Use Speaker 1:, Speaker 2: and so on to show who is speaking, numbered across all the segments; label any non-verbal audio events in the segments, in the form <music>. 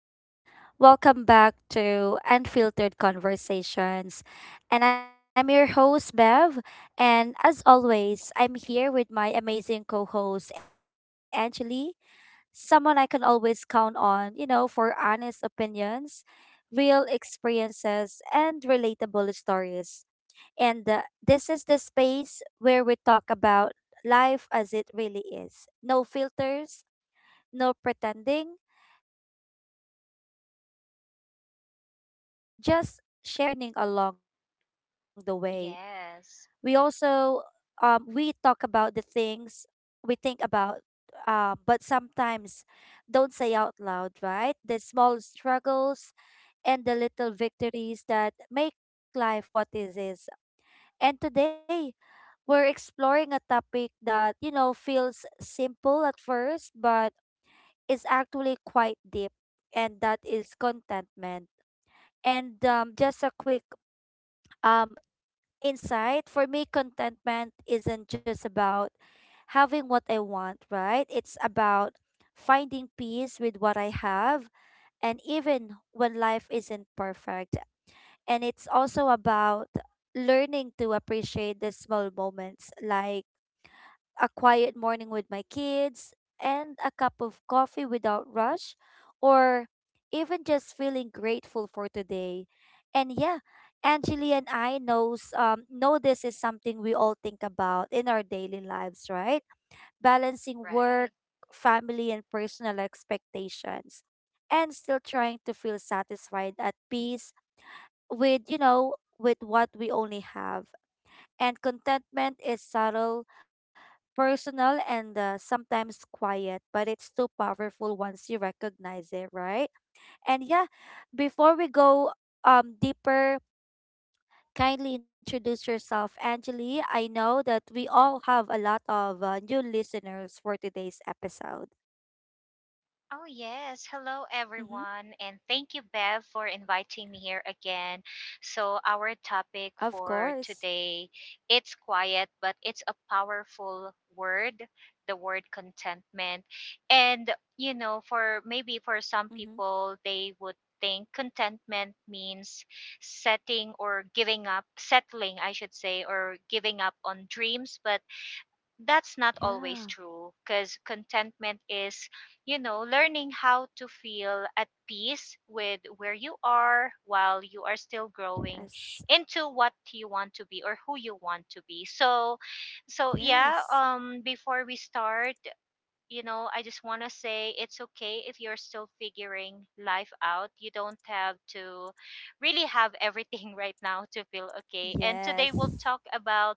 Speaker 1: Hi, everyone. Welcome back to Unfiltered Conversations. And I'm your host, Bev. And as always, I'm here with my amazing co host, Angeli, someone I can always count on, you know, for honest opinions, real experiences, and relatable stories. And this is the space where we talk about life as it really is, no filters, no pretending, just sharing our thoughts and feelings and lessons we're learning along the way. We
Speaker 2: Yes,
Speaker 1: also we talk about the things we think about, but sometimes don't say out loud, right? The small struggles and the little victories that make life what it is. And today we're exploring a topic that, you know, feels simple at first, but is actually quite deep, and that is contentment. And just a quick um, insight for me, contentment isn't just about having what I want, right? It's about finding peace with what I have and even when life isn't perfect. And it's also about learning to appreciate the small moments like a quiet morning with my kids, and a cup of coffee without rush, or even just feeling grateful for today. And yeah, Angeli and I know this is something we all think about in our daily lives, right? Balancing
Speaker 2: right.
Speaker 1: work, family, and personal expectations, and still trying to feel satisfied at peace with, with what we only have. And contentment is subtle, personal, and sometimes quiet, but it's too powerful once you recognize it, right? And yeah, before we go deeper, kindly introduce yourself, Angeli. I know that we all have a lot of new listeners for today's episode.
Speaker 2: Oh, yes. Hello,
Speaker 1: Mm-hmm.
Speaker 2: everyone. And thank you, Bev, for inviting me here again. So, our topic
Speaker 1: Of
Speaker 2: for
Speaker 1: course.
Speaker 2: today, it's quiet, but it's a powerful word, the word contentment. And, you know, for maybe for some
Speaker 1: Mm-hmm.
Speaker 2: people, they would think contentment means setting or giving up, settling, I should say, or giving up on dreams. But that's not always
Speaker 1: Yeah.
Speaker 2: true because contentment is, you know, learning how to feel at peace with where you are while you are still growing
Speaker 1: Yes.
Speaker 2: into what you want to be or who you want to be. So, so yeah,
Speaker 1: Yes.
Speaker 2: um, before we start, you know, I just want to say it's okay if you're still figuring life out. You don't have to really have everything <laughs> right now to feel okay. And today we'll
Speaker 1: Yes.
Speaker 2: talk about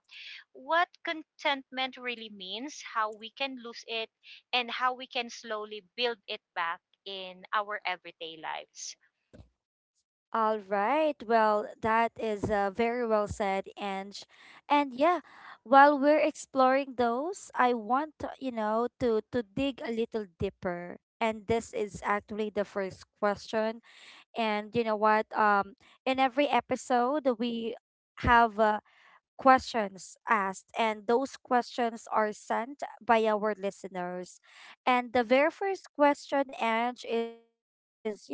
Speaker 2: what contentment really means, how we can lose it, and how we can slowly build it back in our everyday lives.
Speaker 1: All right. Well, that is very well said, Ange. And yeah, while we're exploring those, I want to, you know, to dig a little deeper. And this is actually the first question. And you know what? In every episode, we have questions asked, and those questions are sent by our listeners. And the very first question, Ange, is, you know,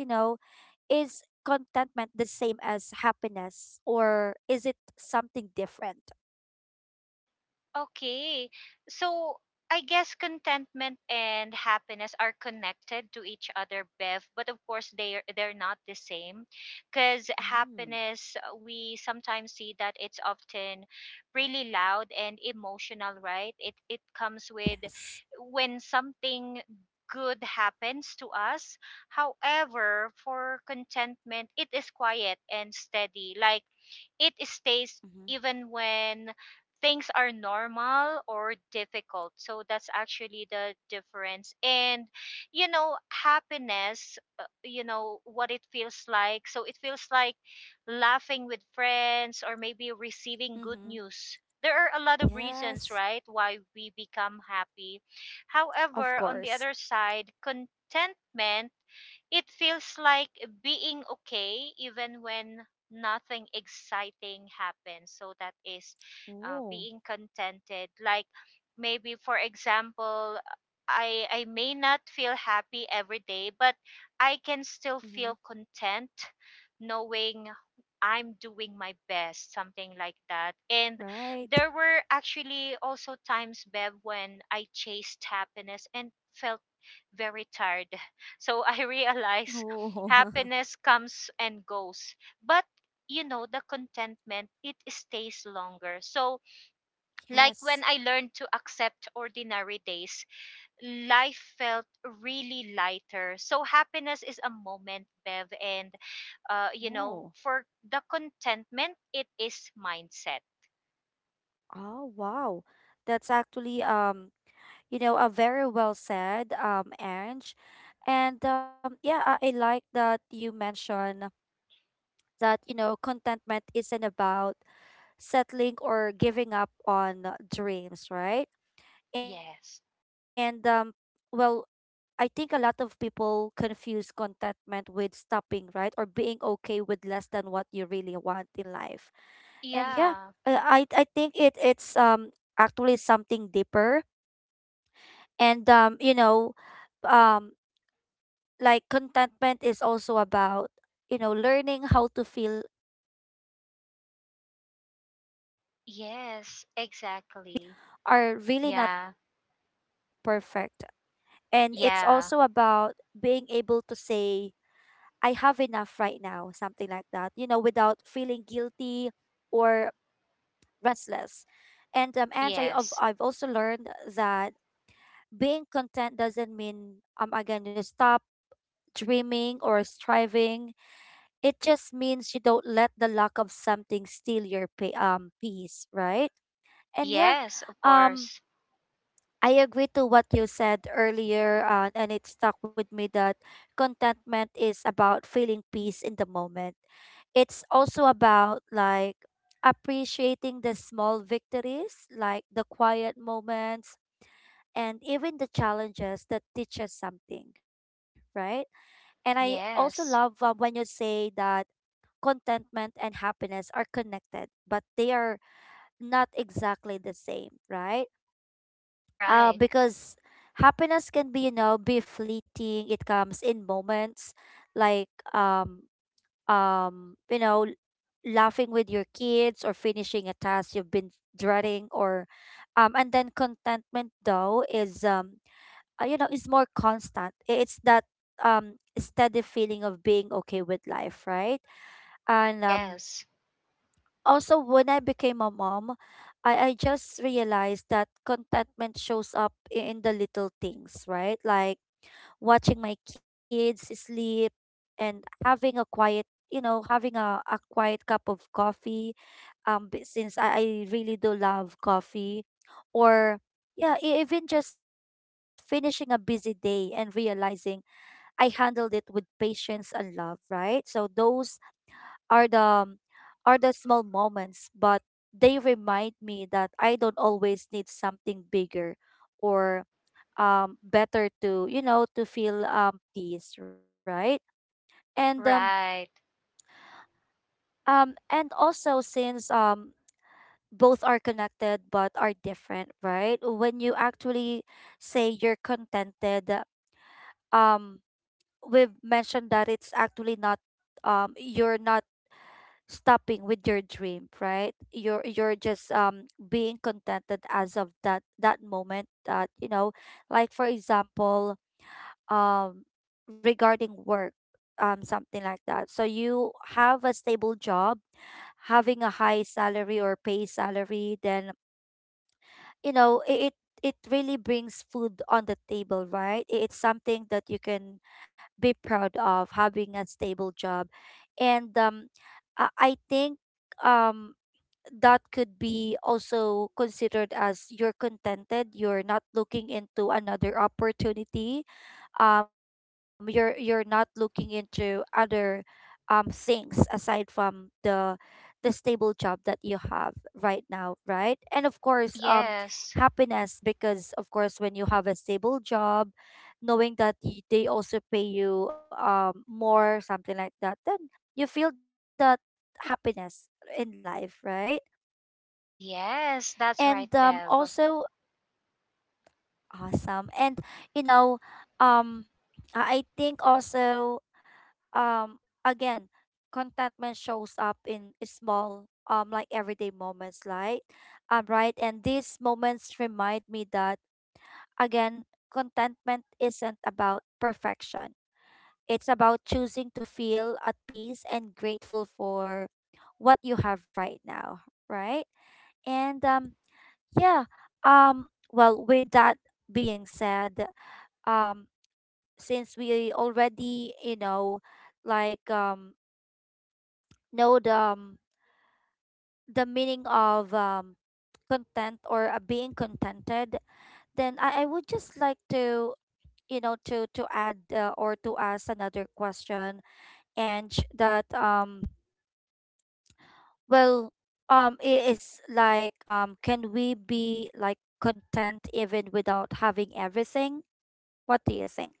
Speaker 1: is contentment the same as happiness, or is it something different?
Speaker 2: Okay. So I guess contentment and happiness are connected to each other, Bev, but of course they're not the same because
Speaker 1: Mm.
Speaker 2: happiness we sometimes see that it's often really loud and emotional, right? It comes with
Speaker 1: Yes.
Speaker 2: when something good happens to us. However, for contentment, it is quiet and steady. Like it stays
Speaker 1: Mhm.
Speaker 2: even when things are normal or difficult. So that's actually the difference. And you know, happiness, you know what it feels like, so it feels like laughing with friends or maybe receiving good
Speaker 1: Mhm.
Speaker 2: news. There are a lot of reasons,
Speaker 1: Yes,
Speaker 2: right, why we become happy.
Speaker 1: of
Speaker 2: However, on the
Speaker 1: course.
Speaker 2: other side, contentment, it feels like being okay even when nothing exciting happens. So that is
Speaker 1: Oh.
Speaker 2: being contented. Like maybe for example, I may not feel happy every day, but I can
Speaker 1: Mhm.
Speaker 2: still feel content knowing I'm doing my best, something like that. And
Speaker 1: Right.
Speaker 2: there were actually also times, Bev, when I chased happiness and felt very tired. <laughs> So I realized
Speaker 1: Oh. <laughs>
Speaker 2: happiness comes and goes. But you know, the contentment, it stays longer. So like when
Speaker 1: Yes.
Speaker 2: I learned to accept ordinary days, life felt really lighter. So happiness is a moment, Bev, and you
Speaker 1: Oh.
Speaker 2: know, for the contentment, it is mindset.
Speaker 1: Oh, wow. That's actually you know, a very well said, Ange. And yeah, I like that you mentioned that, you know, contentment isn't about settling or giving up on dreams, right? And
Speaker 2: Yes.
Speaker 1: well, I think a lot of people confuse contentment with stopping, right? Or being okay with less than what you really want in life. And yeah,
Speaker 2: Yeah.
Speaker 1: I think it's actually something deeper and, you know, um like contentment is also about, you know, learning how to feel peace in the present, right, even if things
Speaker 2: Yes,
Speaker 1: are,
Speaker 2: exactly.
Speaker 1: really not
Speaker 2: Yeah.
Speaker 1: perfect. And it's also about being
Speaker 2: Yeah.
Speaker 1: able to say, I have enough right now, something like that, you know, without feeling guilty or restless. And I've
Speaker 2: Yes.
Speaker 1: also learned that being content doesn't mean, again, you stop dreaming or striving. It just means you don't let the lack of something steal your peace, right? And yeah,
Speaker 2: Yes, of
Speaker 1: um
Speaker 2: course.
Speaker 1: I agree to what you said earlier, and it stuck with me that contentment is about feeling peace in the moment. It's also about, like, appreciating the small victories, like the quiet moments and even the challenges that teach us something, right? And I also love,
Speaker 2: Yes.
Speaker 1: when you say that contentment and happiness are connected, but they are not exactly the same, right?
Speaker 2: Right.
Speaker 1: Because happiness can be you know be fleeting, it comes in moments like, you know, laughing with your kids or finishing a task you've been dreading, or and then contentment though is, you know, is more constant. It's that steady feeling of being okay with life, right? And
Speaker 2: Yes.
Speaker 1: also, when I became a mom, I just realized that contentment shows up in the little things, right? Like watching my kids sleep and having a quiet, you know, having a quiet cup of coffee. Since I really do love coffee, or yeah, even just finishing a busy day and realizing I handled it with patience and love, right? So those are the, are the small moments, but they remind me that I don't always need something bigger or better to, you know, to feel peace, right? And um
Speaker 2: Right.
Speaker 1: and also, since both are connected but are different, right? When you actually say you're contented, um we've mentioned that it's actually not, you're not stopping with your dream, right? You're, just being contented as of that moment that, you know, like for example, um regarding work, something like that. So you have a stable job, having a high salary or pay salary, then, you know, it really brings food on the table, right? It's something that you can be proud of, having a stable job, and I think um that could be also considered as you're contented, you're not looking into another opportunity, you're not looking into other things aside from the stable job that you have right now, right? And of course,
Speaker 2: Yes.
Speaker 1: happiness, because of course, when you have a stable job, knowing that they also pay you more, something like that, then you feel that happiness in life, right?
Speaker 2: Yes,
Speaker 1: And
Speaker 2: that's right, Bev.
Speaker 1: also awesome. And, you know, um I think also, again, contentment shows up in small, like everyday moments, like, right, and these moments remind me that, again, contentment isn't about perfection, it's about choosing to feel at peace and grateful for what you have right now, right? And yeah. Um, well, with that being said, um, since we already, you know, like um know the, the meaning of content, or being contented, then I would just like to, you know, to add, or to ask another question, and sh- that well it is like, can we be, like, content even without having everything? What do you think?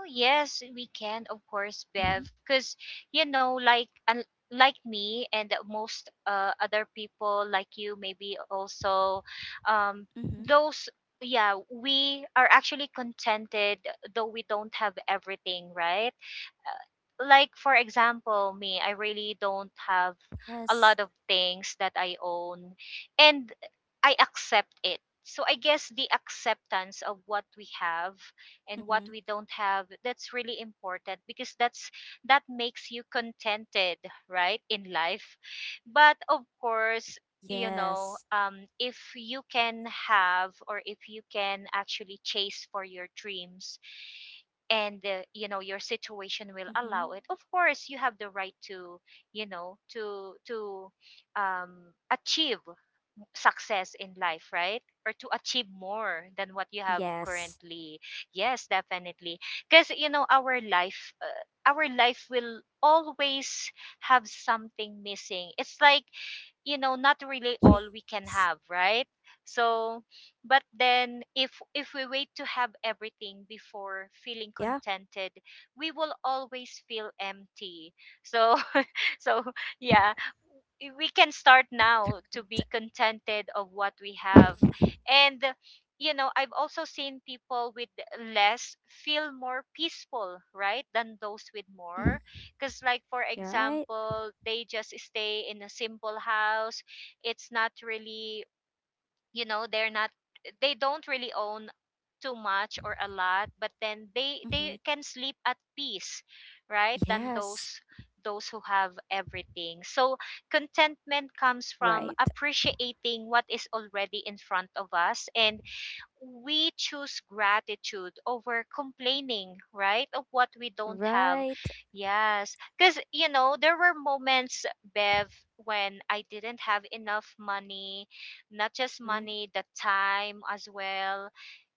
Speaker 2: Oh, yes, we can, of course,
Speaker 1: Mm-hmm.
Speaker 2: Bev, because you know, like un- like me and most other people like you, maybe also, um,
Speaker 1: Mm-hmm.
Speaker 2: those yeah, we are actually contented though we don't have everything, right? Like for example, me, I really don't have a
Speaker 1: Yes.
Speaker 2: lot of things that I own, and I accept it. So I guess the acceptance of what we have and what
Speaker 1: Mm-hmm.
Speaker 2: we don't have, that's really important, because that makes you contented, right, in life. But of course, you know,
Speaker 1: Yes.
Speaker 2: if you can have, or if you can actually chase for your dreams, and you know, your situation will
Speaker 1: Mm-hmm.
Speaker 2: allow it, of course you have the right to you know to to achieve success in life, right, or to achieve more than what you have
Speaker 1: Yes.
Speaker 2: currently. Yes, definitely. Because you know, our life will always have something missing. It's like, you know, not really all we can
Speaker 1: Yes.
Speaker 2: have, right? So but then
Speaker 1: That's
Speaker 2: if
Speaker 1: right.
Speaker 2: if we wait to have
Speaker 1: Life is really
Speaker 2: everything
Speaker 1: not
Speaker 2: before
Speaker 1: perfect.
Speaker 2: feeling
Speaker 1: So, yeah.
Speaker 2: contented, we will always feel empty. So <laughs> so yeah, we can start now to be contented of what we have.
Speaker 1: Mhm,
Speaker 2: And you know, I've also seen people with less feel more peaceful, right, than those with more,
Speaker 1: mhm.
Speaker 2: because like for
Speaker 1: <laughs> You're right.
Speaker 2: example, they just stay in a simple house. It's not really, you know, they're not, they don't really own too much or a lot, but then they
Speaker 1: Mm-hmm.
Speaker 2: they can sleep at peace, right, than
Speaker 1: Yes.
Speaker 2: those who have everything. So contentment
Speaker 1: Right.
Speaker 2: comes from appreciating what is already in front of us, and we choose gratitude over complaining, right, of what we don't have.
Speaker 1: Right.
Speaker 2: Yes, because you know, there were moments, Bev, when I didn't have enough money, not just
Speaker 1: Mm.
Speaker 2: money, the time as well.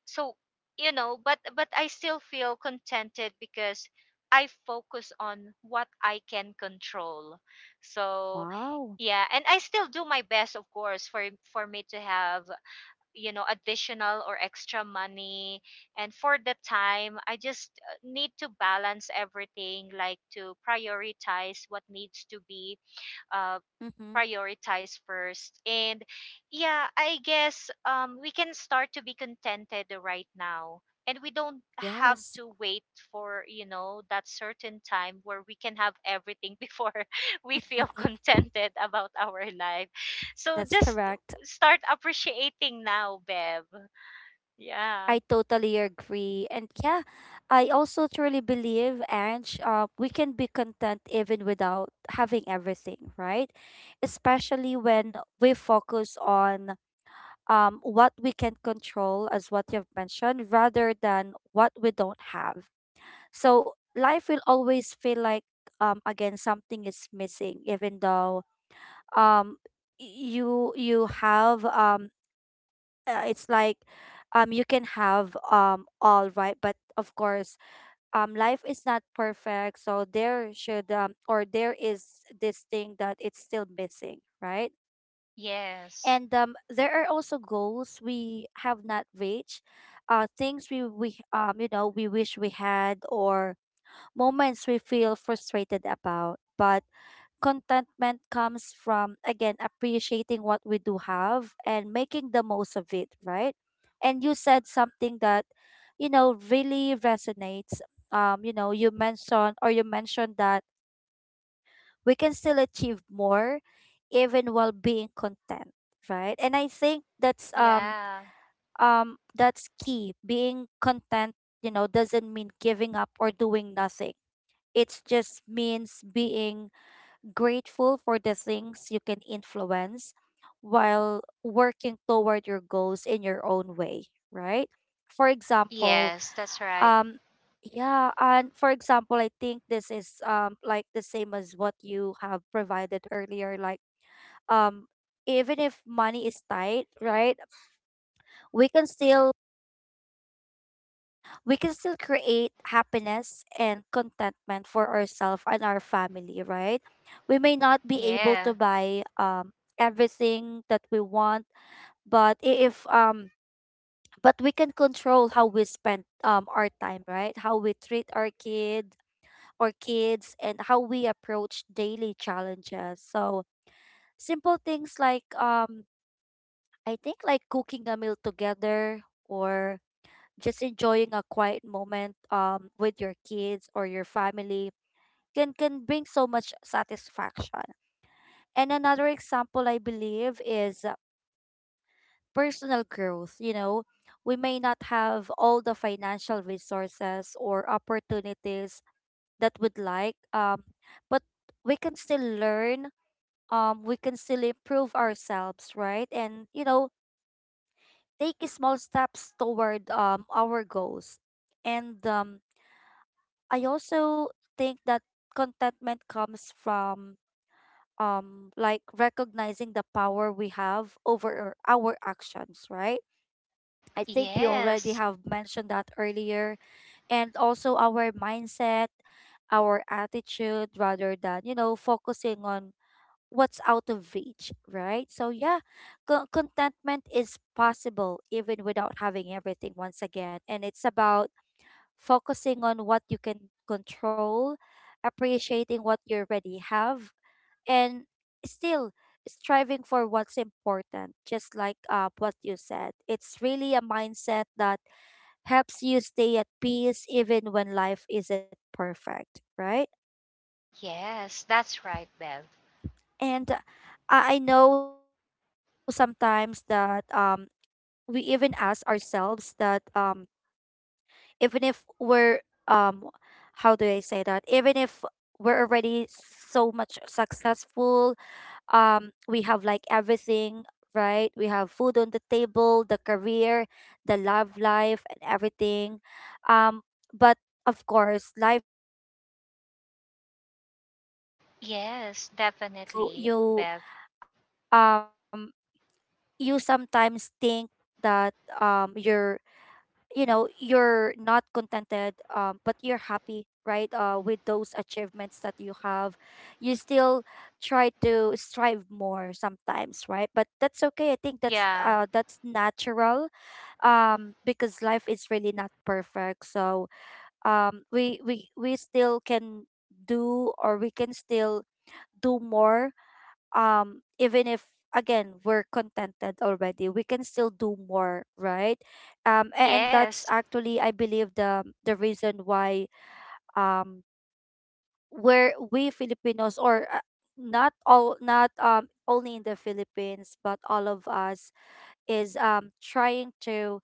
Speaker 2: So you know, but I still feel contented because I focus on what I can control. So
Speaker 1: Wow.
Speaker 2: yeah, and I still do my best, of course, for me to have, you know, additional or extra money. And for the time, I just need to balance everything, like to prioritize what needs to be uh,
Speaker 1: Mm-hmm.
Speaker 2: prioritize first. And yeah, I guess we can start to be contented right now. And we don't have
Speaker 1: Yes.
Speaker 2: to wait for, you know, that certain time where we can have everything before <laughs> we feel
Speaker 1: <laughs>
Speaker 2: contented about our life. So
Speaker 1: That's
Speaker 2: just
Speaker 1: correct.
Speaker 2: start appreciating now, Bev. Yeah.
Speaker 1: I totally agree. And yeah, I also truly believe, Ange, we can be content even without having everything, right? Especially when we focus on, what we can control, as what you've mentioned, rather than what we don't have. So life will always feel like, again, something is missing, even though, um, you have it's like, you can have all right, but of course, life is not perfect, so there should, or there is this thing that it's still missing, right?
Speaker 2: Yes.
Speaker 1: And there are also goals we have not reached, things we, you know, we wish we had, or moments we feel frustrated about, but contentment comes from, again, appreciating what we do have and making the most of it, right? And you said something that, you know, really resonates. You know, you mentioned, that we can still achieve more even while being content, right? And I think that's,
Speaker 2: Yeah.
Speaker 1: that's key. Being content, you know, doesn't mean giving up or doing nothing. It just means being grateful for the things you can influence while working toward your goals in your own way, right? For example,
Speaker 2: Yes, that's right.
Speaker 1: um yeah, and for example, I think this is, like, the same as what you have provided earlier, like, um even if money is tight, right? We can still we can still create happiness and contentment for ourselves and our family, right? We may not be able to
Speaker 2: Yeah.
Speaker 1: buy everything that we want, but I- if but we can control how we spend our time, right? How we treat our kid or kids and how we approach daily challenges. So simple things like, I think, like cooking a meal together or just enjoying a quiet moment with your kids or your family can, bring so much satisfaction. And another example I believe is, personal growth, you know. We may not have all the financial resources or opportunities that we'd like, but we can still learn, we can still improve ourselves, right? And, you know, take small steps toward our goals. And I also think that contentment comes from, like, recognizing the power we have over our actions, right? I think you already
Speaker 2: Yes.
Speaker 1: have mentioned that earlier, and also our mindset, our attitude, rather than, you know, focusing on what's out of reach, right? So yeah, contentment is possible even without having everything once again, and it's about focusing on what you can control, appreciating what you already have, and still striving for what's important, just like what you said. It's really a mindset that helps you stay at peace even when life isn't perfect, right?
Speaker 2: Yes, that's right, Bev.
Speaker 1: And I know sometimes that we even ask ourselves that even if we're um how do I say that? Even if we're already so much successful, we have like everything, right? We have food on the table, the career, the love life and everything. Um but of course life isn't perfect, so there is still something missing.
Speaker 2: Yes,
Speaker 1: you
Speaker 2: definitely,
Speaker 1: you
Speaker 2: Bev.
Speaker 1: um you sometimes think that you're you're not contented, but you're happy, right? With those achievements that you have, you still try to strive more sometimes, right? But that's okay. I think
Speaker 2: Yeah.
Speaker 1: that's natural. Because life is really not perfect, so we still can do, or we can still do more. Even if, again, we're contented already, we can still do more, right? And that's
Speaker 2: Yes.
Speaker 1: actually, I believe, the reason why, um where we Filipinos, or not all, not only in the Philippines, but all of us, is trying to,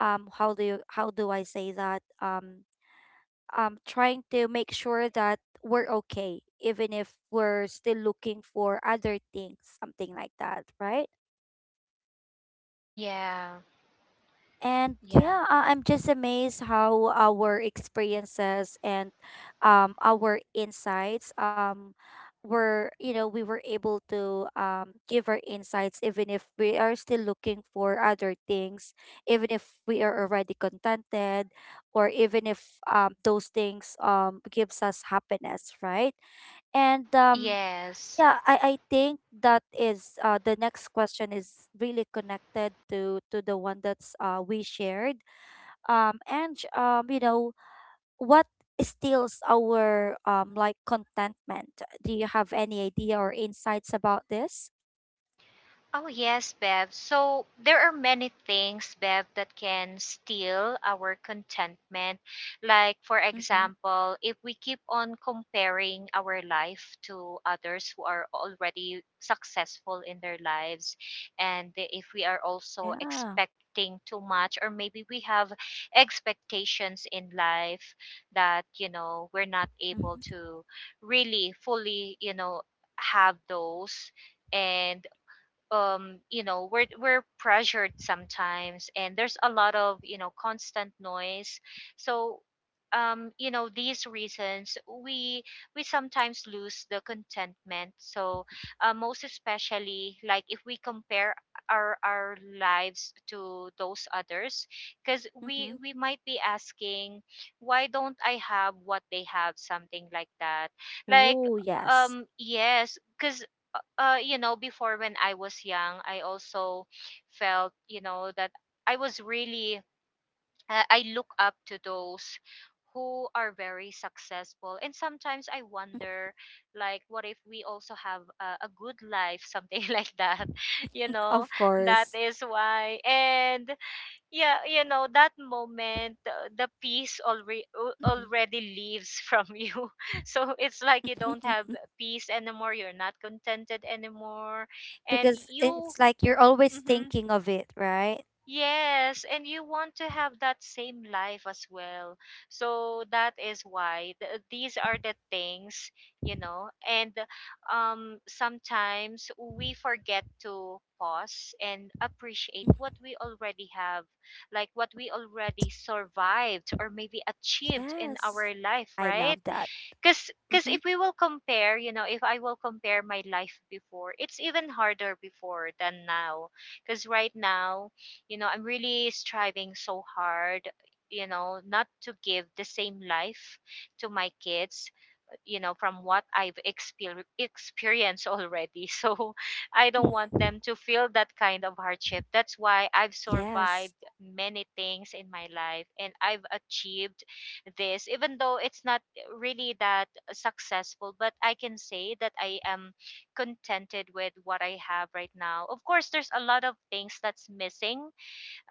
Speaker 1: how do you, how do I say that trying to make sure that we're okay even if we're still looking for other things, something like that, right?
Speaker 2: Yeah.
Speaker 1: And
Speaker 2: Yeah.
Speaker 1: yeah, I'm just amazed how our experiences and our insights, were, you know, we were able to give our insights even if we are still looking for other things, even if we are already contented, or even if those things gives us happiness, right? And
Speaker 2: Yes.
Speaker 1: yeah, I think that is the next question is really connected to the one that's we shared. And you know, what steals our like contentment? Do you have any idea or insights about this?
Speaker 2: Oh, yes, Bev. So there are many things, Bev, that can steal our contentment. Like, for
Speaker 1: Mm-hmm.
Speaker 2: example, if we keep on comparing our life to others who are already successful in their lives, and if we are also
Speaker 1: Yeah.
Speaker 2: expecting too much, or maybe we have expectations in life that, you know, we're not able
Speaker 1: Mm-hmm.
Speaker 2: to really fully, you know, have those. And you know, we're pressured sometimes, and there's a lot of, you know, constant noise. So you know, these reasons, we we sometimes lose the contentment. So most especially like if we compare our lives to those others, because
Speaker 1: Mm-hmm.
Speaker 2: we might be asking, why don't I have what they have, something like that. like
Speaker 1: Oh, yes,
Speaker 2: yes, because you know, before when I was young, I also felt, you know, that I was really, I look up to those who are very successful. And sometimes I wonder, like, what if we also have a good life, something <laughs> like that, you know?
Speaker 1: of
Speaker 2: That
Speaker 1: course.
Speaker 2: is why. And yeah, you know, that moment, the peace already
Speaker 1: Mhm.
Speaker 2: already leaves from <laughs> you. So it's like you don't have
Speaker 1: <laughs>
Speaker 2: peace anymore. You're not contented anymore, and
Speaker 1: Because
Speaker 2: you.
Speaker 1: it's like you're always
Speaker 2: Mhm,
Speaker 1: thinking of it, right?
Speaker 2: yes, and you want to have that same life as well. So that is why these are the things, you know. And sometimes we forget to pause and appreciate what we already have, like what we already survived or maybe achieved in our
Speaker 1: Yes,
Speaker 2: life,
Speaker 1: I
Speaker 2: right?
Speaker 1: love that.
Speaker 2: Because
Speaker 1: Mm-hmm.
Speaker 2: if we will compare, you know, if I will compare my life before, it's even harder before than now. Because right now, you know, I'm really striving so hard, you know, not to give the same life to my kids, you know, from what I've experienced already. <laughs> So I don't want
Speaker 1: Mm-hmm.
Speaker 2: them to feel that kind of hardship. That's why I've survived
Speaker 1: Yes.
Speaker 2: many things in my life, and I've achieved this, even though it's not really that successful. But I can say that I am contented with what I have right now. Of course, there's a lot of things that's missing,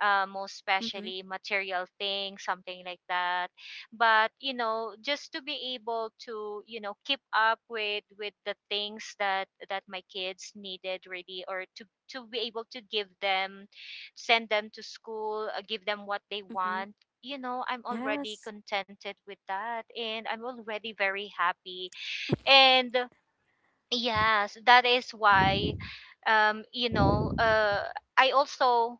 Speaker 2: most especially
Speaker 1: Mm-hmm.
Speaker 2: material things, something like that. But you know, just to be able to, you know, keep up with the things that my kids needed really, or to be able to give them, send them to school, give them what they want.
Speaker 1: Mm-hmm.
Speaker 2: You know, I'm already
Speaker 1: Yes,
Speaker 2: contented with that, and I'm already very happy.
Speaker 1: <laughs>
Speaker 2: And yes, that is why, you know, I also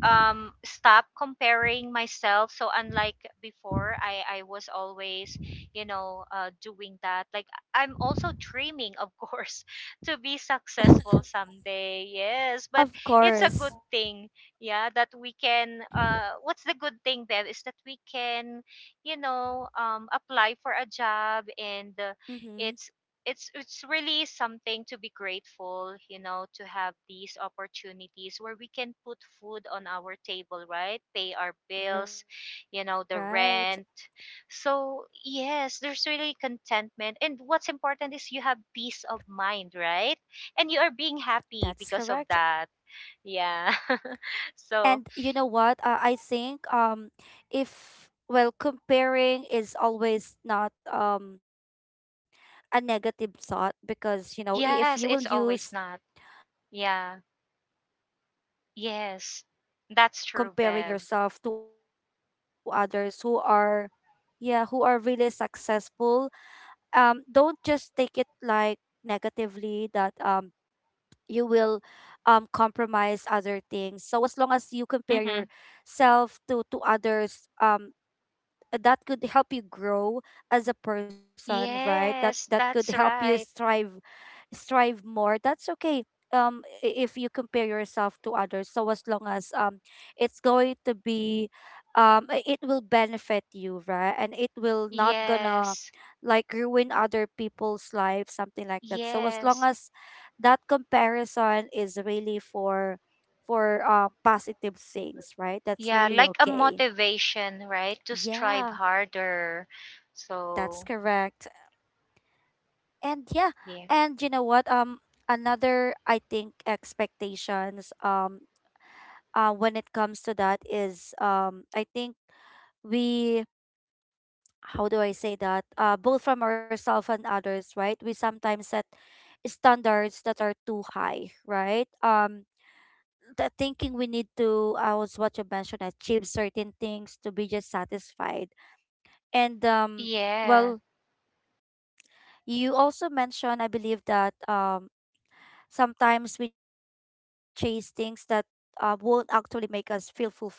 Speaker 2: stop comparing myself. So unlike before, I was always, you know, uh, doing that. Like, I'm also dreaming, of course, <laughs> to be successful someday, yes. But
Speaker 1: of
Speaker 2: it's a good
Speaker 1: course.
Speaker 2: thing, yeah, that we can, what's the good thing, Bev, is that we can, you know, apply for a job. And
Speaker 1: Mm-hmm.
Speaker 2: it's it's really something to be grateful, you know, to have these opportunities where we can put food on our table, right, pay our bills,
Speaker 1: Right,
Speaker 2: you know, the rent. So yes, there's really contentment, and what's important is you have peace of mind, right, and you are being
Speaker 1: that's
Speaker 2: happy
Speaker 1: correct.
Speaker 2: because of that. Yeah. <laughs>
Speaker 1: And
Speaker 2: So
Speaker 1: you know what? I think if, well, comparing is always not a negative thought, because, you know, if you
Speaker 2: yes,
Speaker 1: will
Speaker 2: it's always
Speaker 1: use.
Speaker 2: not, yeah,
Speaker 1: Yeah, if you will
Speaker 2: yes,
Speaker 1: actually
Speaker 2: that's
Speaker 1: take a
Speaker 2: true,
Speaker 1: look at
Speaker 2: Bev.
Speaker 1: comparing yourself to others who are, yeah, who are really successful, don't just take it like negatively that you will compromise other things. So as long as you
Speaker 2: Mm-hmm.
Speaker 1: compare yourself to others, that could help you grow as a person, right? That
Speaker 2: Yes,
Speaker 1: that could
Speaker 2: that's
Speaker 1: help you
Speaker 2: right.
Speaker 1: strive strive more. That's okay. If you compare yourself to others, so as long as, it's going to be, it will benefit you, right? And it will not gonna
Speaker 2: Yes.
Speaker 1: like ruin other people's life, something like that. So as long
Speaker 2: Yes.
Speaker 1: as that comparison is really for positive things, right? That's
Speaker 2: Yeah,
Speaker 1: really
Speaker 2: like a
Speaker 1: okay.
Speaker 2: motivation, right? To strive
Speaker 1: Yeah.
Speaker 2: harder.
Speaker 1: That's
Speaker 2: So,
Speaker 1: correct. And yeah,
Speaker 2: yeah.
Speaker 1: and you know what? Another, I think, expectations, when it comes to that is, I think we, how do I say that? Both from ourselves and others, right? We sometimes set standards that are too high, right? The thinking we need to, I was what you mentioned, achieve certain things to be just satisfied. And
Speaker 2: Yeah.
Speaker 1: well, you also mentioned, I believe, that sometimes we chase things that won't actually make us feel fulfilled,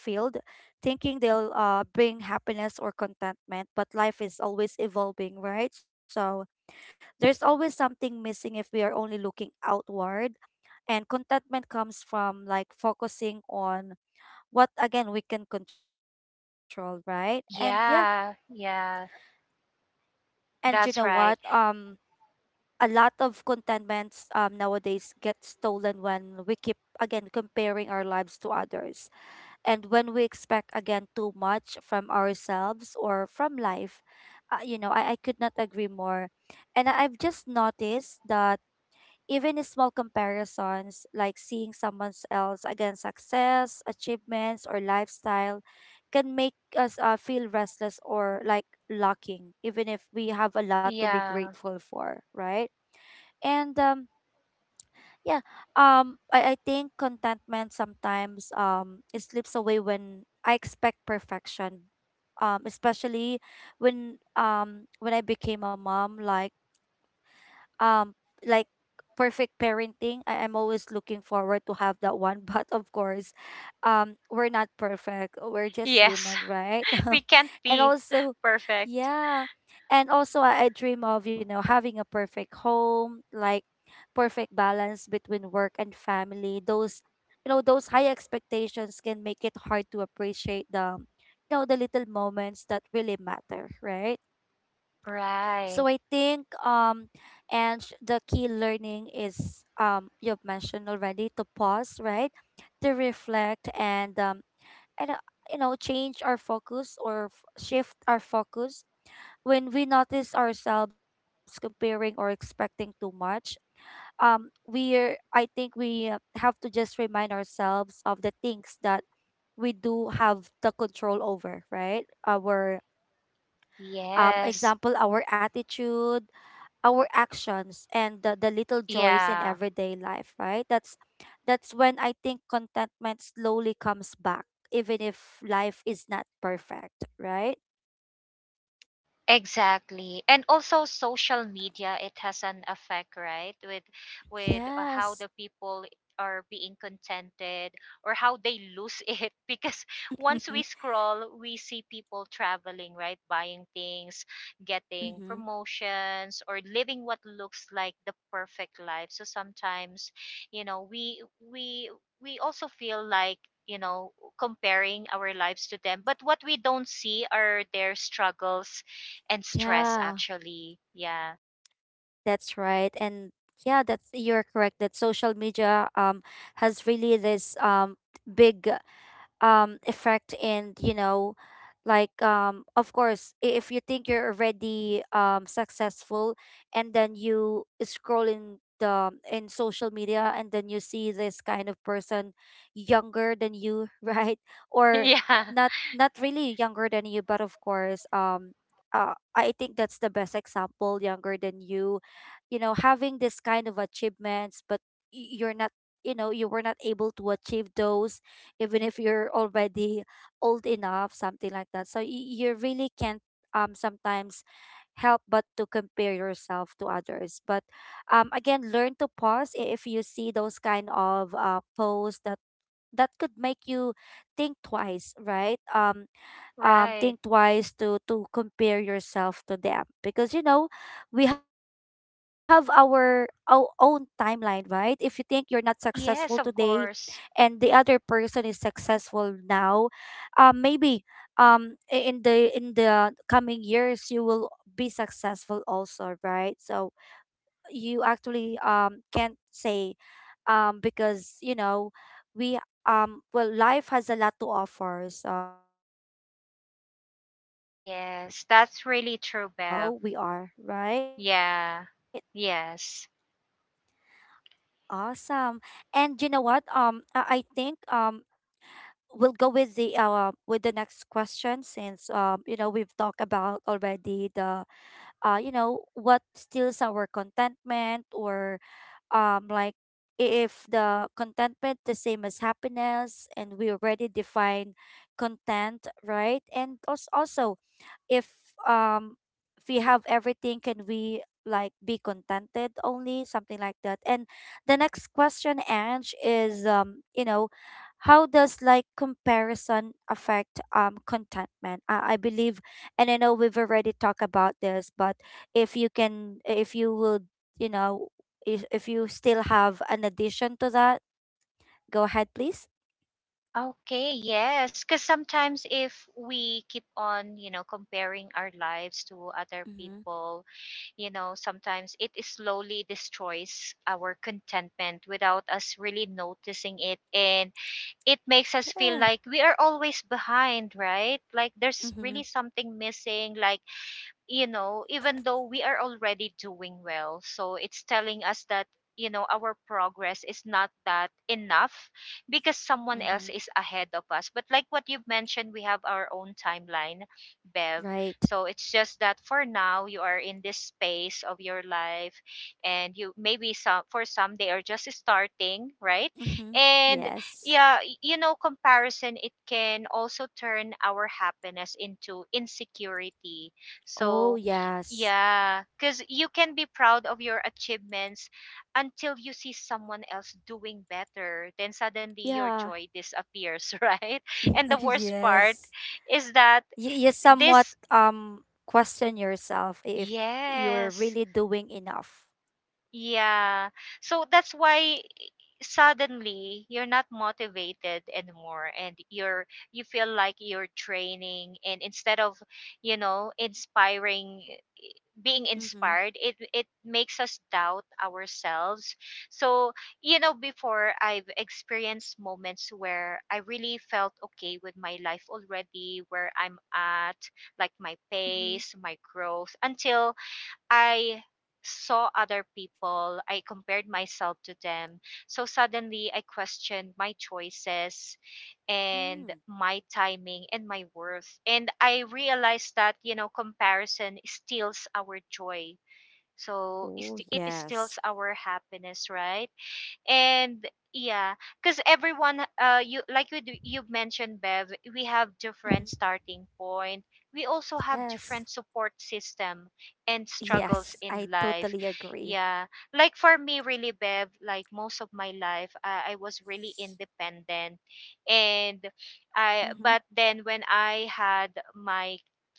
Speaker 1: thinking they'll bring happiness or contentment. But life is always evolving, right? So there's always something missing if we are only looking outward. And contentment comes from like focusing on what, again, we can control, right? And yeah,
Speaker 2: Yeah. Yeah.
Speaker 1: and you know what?
Speaker 2: That's right.
Speaker 1: A lot of contentments, nowadays get stolen when we keep, again, comparing our lives to others. And when we expect, again, too much from ourselves or from life, you know, I could not agree more. And I've just noticed that even in small comparisons, like seeing someone else, again, success, achievements, or lifestyle, can make us feel restless or like lacking, even if we have a lot to be
Speaker 2: Yeah.
Speaker 1: grateful for, right? And yeah. I think contentment sometimes it slips away when I expect perfection. Especially when, when I became a mom, um like perfect parenting. I'm always looking forward to have that one <laughs> but of course we're not perfect. We're just
Speaker 2: Yes.
Speaker 1: human, right?
Speaker 2: <laughs>
Speaker 1: <laughs>
Speaker 2: We can't
Speaker 1: And
Speaker 2: be
Speaker 1: also
Speaker 2: perfect.
Speaker 1: yeah. And also I dream of, you know, having a perfect home, like perfect balance between work and family. Those, you know, those high expectations can make it hard to appreciate the, you know, the little moments that really matter, right? So I
Speaker 2: Right.
Speaker 1: think the key learning is, you've mentioned already, to pause, right? To reflect and and uh, you know, change our focus or shift our focus when we notice ourselves comparing or expecting too much. We're, I think we, have to just remind ourselves of the things that we do have the control over, right? Our,
Speaker 2: Yes.
Speaker 1: example, our attitude, our actions and the little joys in
Speaker 2: Yeah.
Speaker 1: everyday life, right? That's when I think contentment slowly comes back even if life is not perfect, right?
Speaker 2: Exactly. And also social media, it has an effect, right, with how
Speaker 1: Yes.
Speaker 2: the people are being contented or how they lose <laughs> it. Because once we
Speaker 1: <laughs>
Speaker 2: scroll, we see people traveling, right, buying things, getting
Speaker 1: Mm-hmm.
Speaker 2: promotions, or living what looks like the perfect life. So sometimes, you know, we we also feel like, you know, comparing our lives to them. But what we don't see are their struggles and stress,
Speaker 1: Yeah.
Speaker 2: actually. Yeah.
Speaker 1: That's right. And yeah, that's, you're correct that social media has really this big effect. And you know like, of course, if you think you're already successful, and then you scroll in the, in social media, and then you see this kind of person younger than you <laughs> right?
Speaker 2: <laughs>
Speaker 1: Or
Speaker 2: Yeah.
Speaker 1: not, not really younger than you, but of course, I think that's the best example, younger than you, you know, having this kind of achievements, but you're not, you know, you were not able to achieve those even if you're already old enough, something like that. So you really can't sometimes help but to compare yourself to others. But again, learn to pause if you see those kind of posts that that could make you think twice, right?
Speaker 2: Right.
Speaker 1: Think twice to compare yourself to them, because, you know, we have our own timeline, right? If you think you're not
Speaker 2: Yes, of
Speaker 1: successful today
Speaker 2: course.
Speaker 1: and the other person is successful now, maybe in the, in the coming years you will be successful also, right? So you actually can't say, because, you know, we, well, life has a lot to offer, so yeah, today we're not
Speaker 2: Yes, that's
Speaker 1: successful,
Speaker 2: really true,
Speaker 1: maybe
Speaker 2: Bev.
Speaker 1: tomorrow we are, right?
Speaker 2: Yeah. Yes.
Speaker 1: Awesome. And you know what? I think we'll go with the next question, since you know, we've talked about already the you know, what steals our contentment, or like, if the contentment the same as happiness, and we already define content, right? And also, also if um if we have everything, can we like be contented only, something like that. And the next question, Ange, is, you know, how does like comparison affect contentment? I believe, and I know we've already talked about this, but if you can, if you will, you know, if you still have an addition to that, go ahead please.
Speaker 2: Okay, yes, because sometimes if we keep on, comparing our lives to other
Speaker 1: Mm-hmm.
Speaker 2: people, sometimes it is slowly destroys our contentment without us really noticing it. And it makes us feel
Speaker 1: Yeah.
Speaker 2: like we are always behind, right? Like there's
Speaker 1: Mm-hmm.
Speaker 2: really something missing. Like even though we are already doing well. So it's telling us that, our progress is not that enough because someone
Speaker 1: Mm-hmm.
Speaker 2: else is ahead of us. But like what you've mentioned, we have our own timeline, Bev.
Speaker 1: Right.
Speaker 2: So it's just that for now you are in this space of your life, and you maybe some for some they are just starting, right?
Speaker 1: Mm-hmm.
Speaker 2: And
Speaker 1: Yes.
Speaker 2: yeah, comparison it can also turn our happiness into insecurity,
Speaker 1: Oh
Speaker 2: so,
Speaker 1: yes.
Speaker 2: yeah, because you can be proud of your achievements until you see someone else doing better. Then suddenly your
Speaker 1: Yeah.
Speaker 2: joy disappears, <laughs> right? And the
Speaker 1: <laughs>
Speaker 2: worst part
Speaker 1: Yes.
Speaker 2: is that
Speaker 1: You somewhat
Speaker 2: this,
Speaker 1: question yourself if you're
Speaker 2: yes,
Speaker 1: really doing enough.
Speaker 2: yeah. So that's why suddenly you're not motivated anymore, and you feel like you're training, and instead of you know inspiring being
Speaker 1: Mm-hmm.
Speaker 2: inspired, it makes us doubt ourselves. So before I've experienced moments where I really felt okay with my life already, where I'm at, like my
Speaker 1: Mm-hmm.
Speaker 2: pace, my growth, until I saw other people, I compared myself to them. So suddenly I questioned my choices and
Speaker 1: Mm.
Speaker 2: my timing and my worth. And I realized that, comparison steals our joy. So it
Speaker 1: Oh
Speaker 2: st- it
Speaker 1: yes.
Speaker 2: steals our happiness, right? And yeah, because everyone, you like you do- you mentioned, Bev, we have different
Speaker 1: Mm-hmm.
Speaker 2: starting point. We also have
Speaker 1: Yes.
Speaker 2: different support system and struggles
Speaker 1: Yes.
Speaker 2: in
Speaker 1: I
Speaker 2: life.
Speaker 1: totally agree.
Speaker 2: Yeah, like for me, really, Bev, like most of my life, I was really independent. And I
Speaker 1: Mm-hmm.
Speaker 2: but then when I had my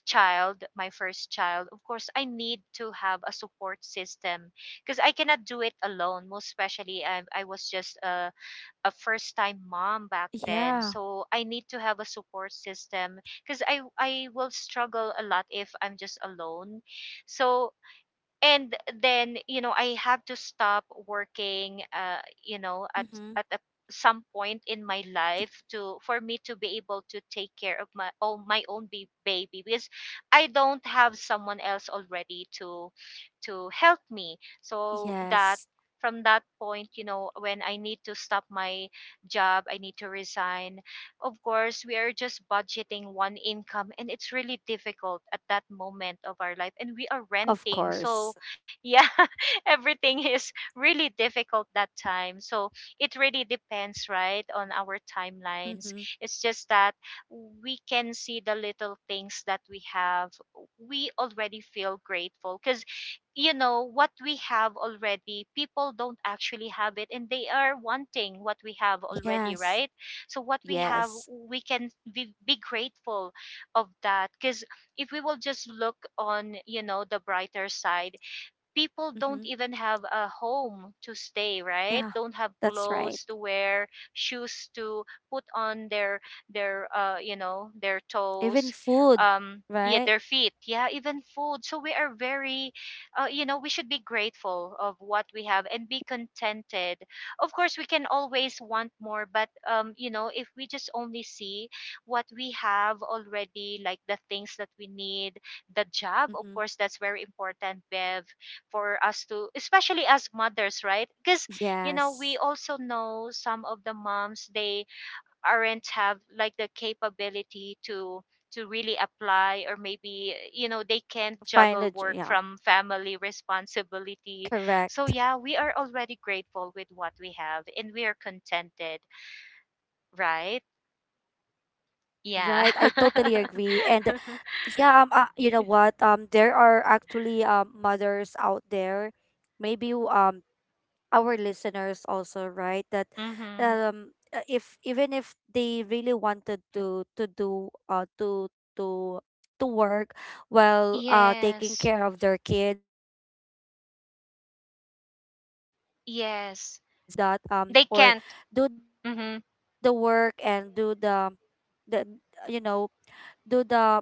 Speaker 2: my first child, of course I need to have a support system. Because I cannot do it alone. Most especially, I was just a first time mom back then,
Speaker 1: Yeah.
Speaker 2: so I need to have a support system because I will struggle a lot if I'm just alone. So, and then I have to stop working, at
Speaker 1: Mm-hmm.
Speaker 2: at a, some point in my life, to for me to be able to take care of my own baby, because I don't have someone else already to help me. So that
Speaker 1: Yes.
Speaker 2: from that point, when I need to stop my job, I need to resign. Of course, we are just budgeting one income, and it's really difficult at that moment of our life, and we are
Speaker 1: Of
Speaker 2: renting.
Speaker 1: course.
Speaker 2: So yeah, <laughs> everything is really difficult that time. So it really depends, right, on our timelines.
Speaker 1: Mm-hmm.
Speaker 2: It's just that we can see the little things that we have. We already feel grateful because what we have already, people don't actually have it, and they are wanting what we have already,
Speaker 1: Yes.
Speaker 2: right? So what we have,
Speaker 1: Yes.
Speaker 2: we can be grateful of that, because if we will just look on, the brighter side, people don't
Speaker 1: Mm-hmm.
Speaker 2: even have a home to stay, right?
Speaker 1: Yeah.
Speaker 2: Don't have
Speaker 1: That's right.
Speaker 2: clothes to wear, shoes to put on their their
Speaker 1: Even
Speaker 2: toes.
Speaker 1: food,
Speaker 2: Yeah,
Speaker 1: right?
Speaker 2: their feet, yeah, even food. So we are very, we should be grateful of what we have and be contented. Of course we can always want more, but if we just only see what we have already, like the things that we need. The job, of
Speaker 1: Mm-hmm.
Speaker 2: course, that's very important, Bev, for us to especially as mothers, right? Because we
Speaker 1: Yes.
Speaker 2: also know some of the moms, they aren't have like the capability to really apply, or maybe they can't juggle work
Speaker 1: Yeah,
Speaker 2: from family responsibility. So
Speaker 1: correct.
Speaker 2: yeah, we are already grateful with what we have and we are contented, right?
Speaker 1: Right, I
Speaker 2: Yeah.
Speaker 1: totally agree. And
Speaker 2: <laughs>
Speaker 1: yeah, you know what, there are actually mothers out there maybe who, our listeners also, right? That
Speaker 2: Mm-hmm.
Speaker 1: if even if they really wanted to do to to work while taking
Speaker 2: Yes.
Speaker 1: care of their kids sometimes, you know, they can't
Speaker 2: Yes,
Speaker 1: really do
Speaker 2: they
Speaker 1: that,
Speaker 2: can't.
Speaker 1: or
Speaker 2: Mm-hmm.
Speaker 1: do the work and do the you know, do the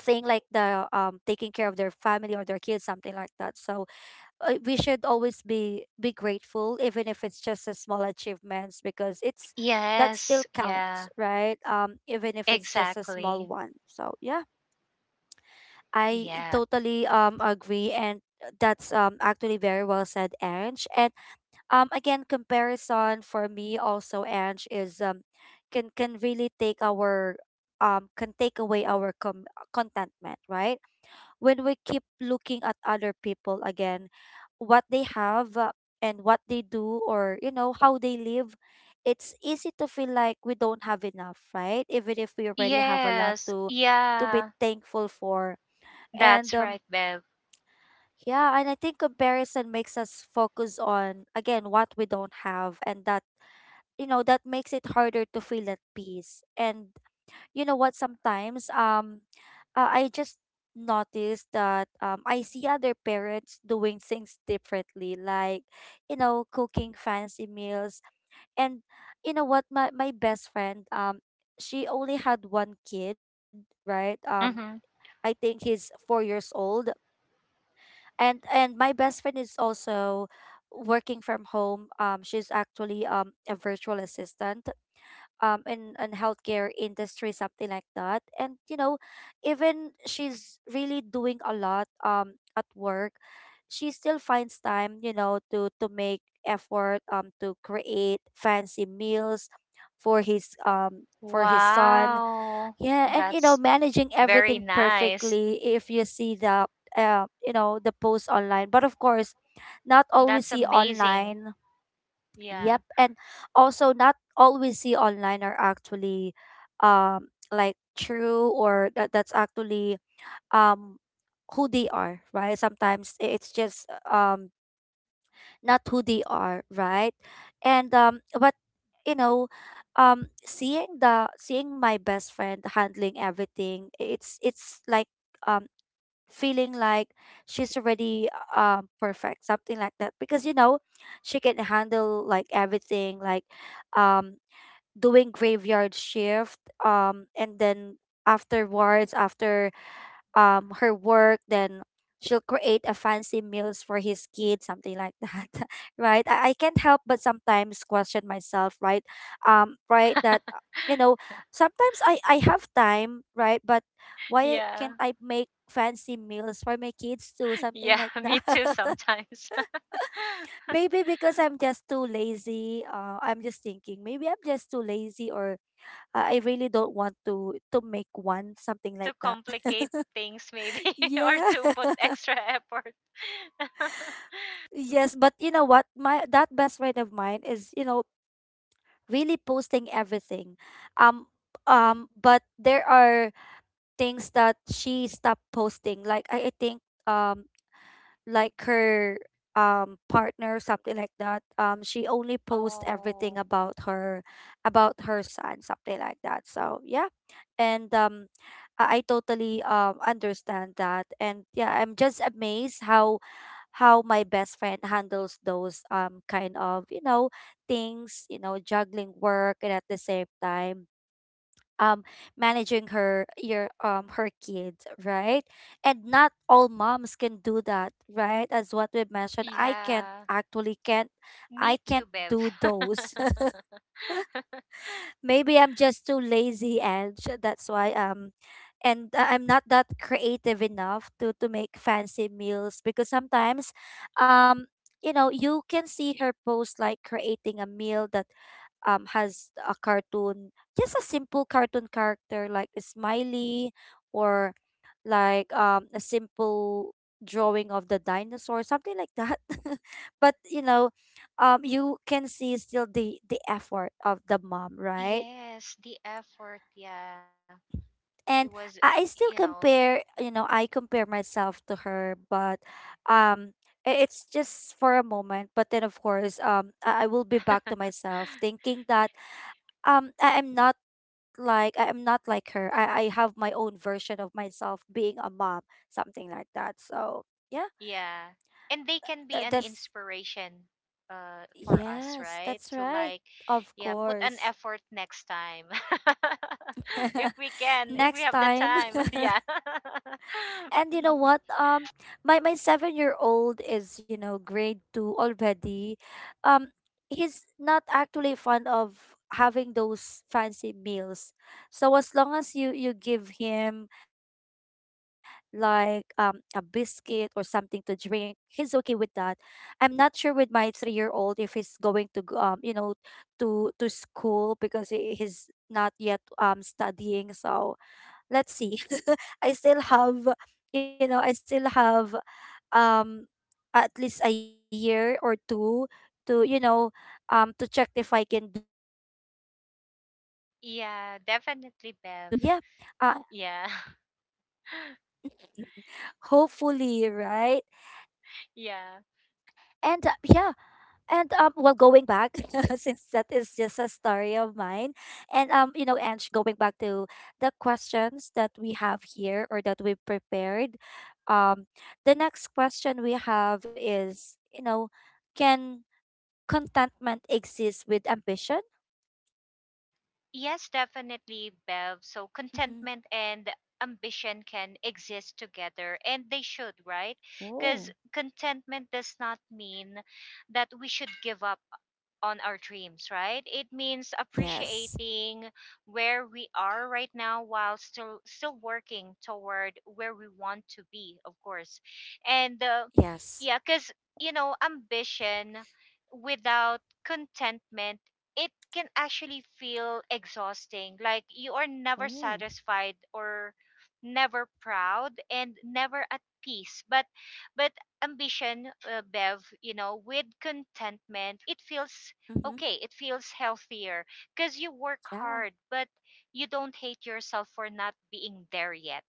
Speaker 1: thing, like the taking care of their family or their kids, something like that. So we should always be grateful even if it's just a small achievements, because it's
Speaker 2: Yes.
Speaker 1: that still
Speaker 2: Yeah.
Speaker 1: counts, right? Even if it's just a
Speaker 2: Exactly.
Speaker 1: small one. So yeah, I
Speaker 2: Yeah.
Speaker 1: totally agree. And that's actually very well said, Ange. And again, comparison, for me also, Ange, is can really take our can take away our contentment, right? When we keep looking at other people again, what they have, and what they do, or how they live, it's easy to feel like we don't have enough, right? Even if we already have a lot
Speaker 2: Yes.
Speaker 1: to be
Speaker 2: Yeah.
Speaker 1: thankful for. And
Speaker 2: That's right, Bev.
Speaker 1: yeah, and I think comparison makes us focus on, again, what we don't have, and that you know, that makes it harder to feel at peace. And you know what, sometimes I just noticed that, I see other parents doing things differently, like you know, cooking fancy meals. And you know what, my best friend, she only had one kid, right.
Speaker 2: Mm-hmm.
Speaker 1: I think he's 4 years old. And my best friend is also working from home. She's actually a virtual assistant, in healthcare industry, something like that. And you know, even she's really doing a lot at work, she still finds time, you know, to make effort to create fancy meals for his son.
Speaker 2: Wow.
Speaker 1: Yeah. And you
Speaker 2: That's
Speaker 1: know, managing
Speaker 2: very
Speaker 1: everything
Speaker 2: nice.
Speaker 1: perfectly if you see the you know, the post online. But of course, not always
Speaker 2: That's
Speaker 1: see
Speaker 2: amazing.
Speaker 1: online.
Speaker 2: Yeah.
Speaker 1: Yep. And also not all we see online are actually like true, or that that's actually, um who they are, right? Sometimes it's just not who they are, right? And but you know, seeing the seeing my best friend handling everything, it's like um feeling like she's already perfect, something like that, because you know, she can handle like everything, like um doing graveyard shift, and then afterwards, after her work, then she'll create a fancy meals for his kids, something like that. <laughs> Right, I can't help but sometimes question myself, right? Right, that you know, sometimes I have time, right? But why
Speaker 2: Yeah.
Speaker 1: can't
Speaker 2: <laughs>
Speaker 1: I make fancy meals for my kids too, something
Speaker 2: Yeah.
Speaker 1: like
Speaker 2: Me
Speaker 1: that?
Speaker 2: too
Speaker 1: <laughs>
Speaker 2: sometimes. <laughs>
Speaker 1: Maybe because I'm just too lazy. I'm just thinking, maybe I'm just too lazy, or I really don't want to make one, something
Speaker 2: To
Speaker 1: like that.
Speaker 2: complicate
Speaker 1: <laughs>
Speaker 2: things, maybe, <laughs> or
Speaker 1: Yeah.
Speaker 2: to put
Speaker 1: <laughs>
Speaker 2: extra effort. <laughs>
Speaker 1: Yes, but you know what? My that best friend of mine is, you know, really posting everything. Um but there are things that she stopped posting. Like I think um like her partner, something like that. She only posts everything
Speaker 2: Oh.
Speaker 1: about her, about her son, something like that. So yeah. And I totally understand that. And yeah, I'm just amazed how my best friend handles those kind of, you know, things, you know, juggling work and at the same time um managing her kids, right? And not all moms can do that, right? As what we mentioned, I can't,
Speaker 2: Yeah.
Speaker 1: actually can't I
Speaker 2: Me too,
Speaker 1: can't
Speaker 2: Bev.
Speaker 1: do
Speaker 2: <laughs>
Speaker 1: those. <laughs> Maybe I'm just too lazy, and that's why and I'm not that creative enough to make fancy meals, because sometimes um you know, you can see her post like creating a meal that has a cartoon, just a simple cartoon character like a smiley, or like a simple drawing of the dinosaur, something like that. <laughs> But you know, you can see still the effort of the mom, right?
Speaker 2: Yes. The effort. Yeah. She was,
Speaker 1: And I
Speaker 2: you
Speaker 1: still
Speaker 2: know,
Speaker 1: compare, you know, I compare myself to her, but um it's just for a moment. But then of course, I will be back to
Speaker 2: <laughs>
Speaker 1: myself thinking that I am not like, I am not like her. I have my own version of myself being a mom, something like that. So yeah,
Speaker 2: yeah. And they can be an
Speaker 1: that's
Speaker 2: inspiration for us,
Speaker 1: yes,
Speaker 2: right?
Speaker 1: that's
Speaker 2: To
Speaker 1: right.
Speaker 2: like,
Speaker 1: Of
Speaker 2: yeah, put an
Speaker 1: course.
Speaker 2: effort next time. <laughs> If we
Speaker 1: <laughs>
Speaker 2: can, if we
Speaker 1: Next
Speaker 2: have the
Speaker 1: time.
Speaker 2: time. <laughs>
Speaker 1: <laughs>
Speaker 2: Yeah.
Speaker 1: And you know what?
Speaker 2: <laughs>
Speaker 1: My my 7 year old is, you know, grade two already. Um, he's not actually fond of having those fancy meals. So as long as you give him like a biscuit or something to drink, he's okay with that. I'm not sure with my 3 year old if he's going to go, you know, to school, because he's not yet studying. So let's see. <laughs> I still have, you know, I still have um at least a year or two to, you know, to check if I can do that same thing to my
Speaker 2: Yeah,
Speaker 1: 3-year-old
Speaker 2: definitely, Bev.
Speaker 1: now. And yeah,
Speaker 2: Yeah.
Speaker 1: uh
Speaker 2: <laughs>
Speaker 1: hopefully, right?
Speaker 2: Yeah.
Speaker 1: And yeah, and well, going back, <laughs> since that is just a story of mine, and you know, and going back to the questions that we have here, or that we prepared, um, the next question we have is, you know, can contentment exist with ambition?
Speaker 2: Yes, definitely, Bev. So
Speaker 1: Mm-hmm.
Speaker 2: contentment and ambition can exist together, and they should, right? Because
Speaker 1: Oh,
Speaker 2: contentment does not mean that we should give up on our dreams, right? It means
Speaker 1: yes,
Speaker 2: appreciating where we are right now while still working toward where we want to be, of course. And
Speaker 1: yes,
Speaker 2: yeah, cuz ambition without contentment, it can actually feel exhausting. Like you are never
Speaker 1: oh,
Speaker 2: satisfied or never proud and never at peace. but ambition, Bev, with contentment, it feels
Speaker 1: mm-hmm.
Speaker 2: okay. It feels healthier because you work
Speaker 1: Yeah,
Speaker 2: hard, but you don't hate yourself for not being there yet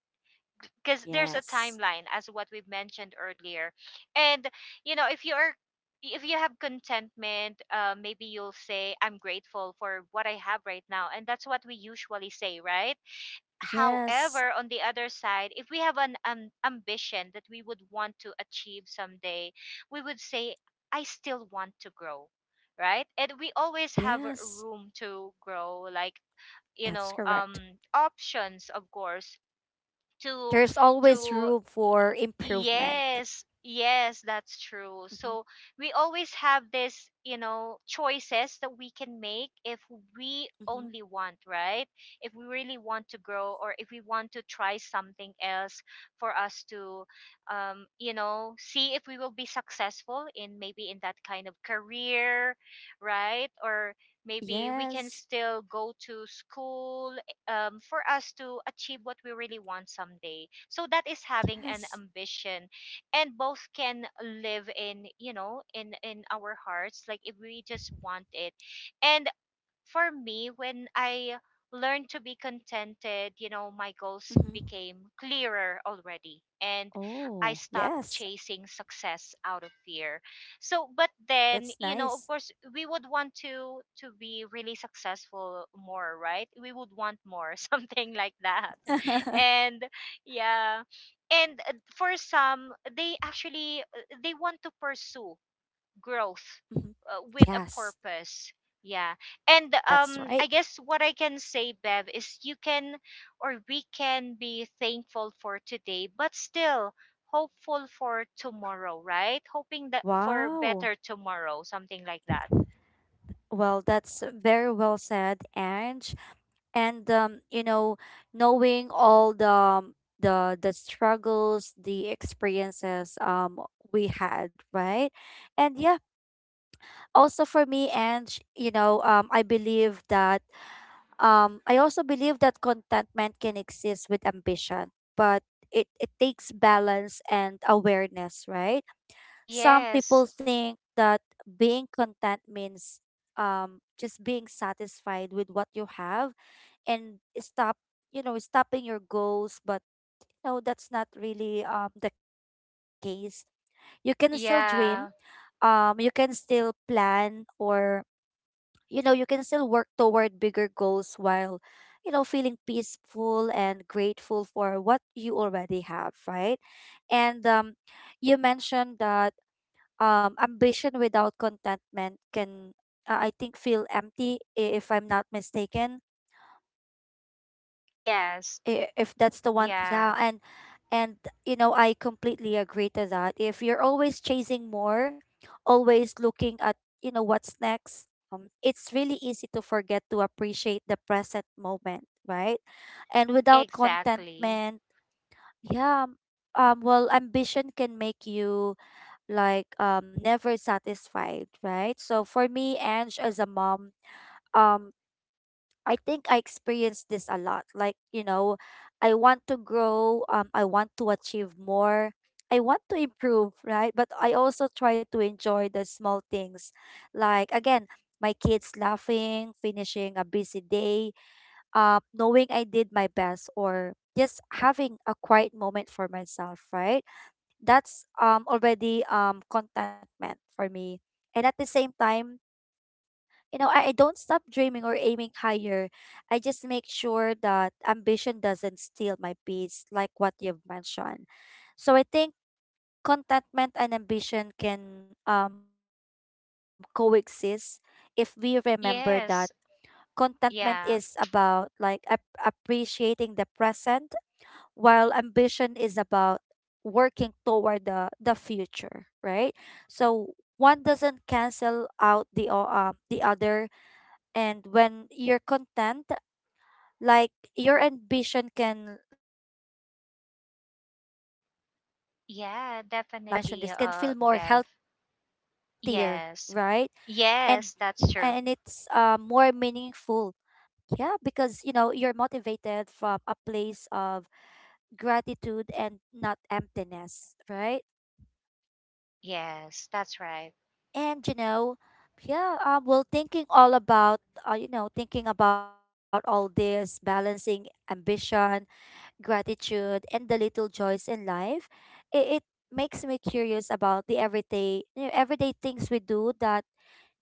Speaker 2: because there's a
Speaker 1: yes,
Speaker 2: timeline, as what we've mentioned earlier. And you know if you're if you have contentment, maybe you'll say I'm grateful for what I have right now, and that's what we usually say, right?
Speaker 1: yes,
Speaker 2: However, on the other side, if we have an ambition that we would want to achieve someday, we would say I still want to grow, right? And we always have
Speaker 1: yes.
Speaker 2: room to grow, like
Speaker 1: That's correct.
Speaker 2: options, of course, to
Speaker 1: There's always
Speaker 2: to
Speaker 1: room for improvement.
Speaker 2: Yes, yes, that's true. So
Speaker 1: Mm-hmm.
Speaker 2: we always have this, choices that we can make if we
Speaker 1: Mm-hmm.
Speaker 2: only want, right? If we really want to grow, or if we want to try something else for us to, see if we will be successful in maybe in that kind of career, right? Or maybe we can
Speaker 1: Yes.
Speaker 2: still go to school, for us to achieve what we really want someday. So that is having an
Speaker 1: Yes.
Speaker 2: ambition, and both can live in you know in our hearts. Like if we just want it, and for me, when I learned to be contented, my goals
Speaker 1: Mm-hmm.
Speaker 2: became clearer already. And I
Speaker 1: Oh,
Speaker 2: stopped
Speaker 1: yes.
Speaker 2: chasing success out of fear. So, but
Speaker 1: That's
Speaker 2: then, of
Speaker 1: nice.
Speaker 2: course, we would want to be really successful more, right? We would want more, <laughs> something like that.
Speaker 1: <laughs>
Speaker 2: And yeah, and for some, they want to pursue growth
Speaker 1: Mhm.
Speaker 2: with a
Speaker 1: Yes,
Speaker 2: purpose. Yeah. And
Speaker 1: that's
Speaker 2: I
Speaker 1: right.
Speaker 2: guess what I can say, Bev, is you can or we can be thankful for today but still hopeful for tomorrow, right? Hoping that for
Speaker 1: Wow.
Speaker 2: better tomorrow, something like that.
Speaker 1: Well, that's very well said, Ange. And you know, knowing all the struggles, the experiences we had, right? And yeah, also for me, Ange, you know, I believe that I also believe that contentment can exist with ambition, but it takes balance and awareness, right? Some
Speaker 2: Yes.
Speaker 1: people think that being content means just being satisfied with what you have and stop, you know, stopping your goals. But no, that's not really the case. You can still dream.
Speaker 2: Yeah.
Speaker 1: You can still plan, or you know, you can still work toward bigger goals while you know, feeling peaceful and grateful for what you already have, right? And you mentioned that ambition without contentment can I think feel empty, if I'm not mistaken,
Speaker 2: Yes.
Speaker 1: if that's the one, yeah.
Speaker 2: Yeah.
Speaker 1: And you know, I completely agree to that. If you're always chasing more, always looking at, you know, what's next, it's really easy to forget to appreciate the present moment, right? And without
Speaker 2: Exactly.
Speaker 1: contentment, yeah, well, ambition can make you like never satisfied, right? So for me, Ange, as a mom, um I think I experienced this a lot. Like, you know, I want to grow, I want to achieve more, I want to improve, right? But I also try to enjoy the small things. Like, again, my kids laughing, finishing a busy day, knowing I did my best, or just having a quiet moment for myself, right? That's already contentment for me. And at the same time, you know, I don't stop dreaming or aiming higher. I just make sure that ambition doesn't steal my peace, like what you've mentioned. So I think contentment and ambition can coexist, if we remember that
Speaker 2: Yes.
Speaker 1: contentment is about
Speaker 2: Yeah.
Speaker 1: like appreciating the present, while ambition is about working toward the future, right? So one doesn't cancel out the the other. And when you're content, like, your ambition can, like, how do I say that?
Speaker 2: Yeah,
Speaker 1: Like, I
Speaker 2: definitely,
Speaker 1: think you mentioned this
Speaker 2: Bev.
Speaker 1: can feel more healthier,
Speaker 2: Yes.
Speaker 1: right? and
Speaker 2: Yes, that's true.
Speaker 1: and it's more meaningful, yeah, because you know, you're motivated from a place of gratitude and not emptiness, right?
Speaker 2: Yes, that's right.
Speaker 1: And you know, yeah, well, thinking all about you know, thinking about all this balancing ambition, gratitude, and the little joys in life, it makes me curious about the everyday, you know, everyday things we do that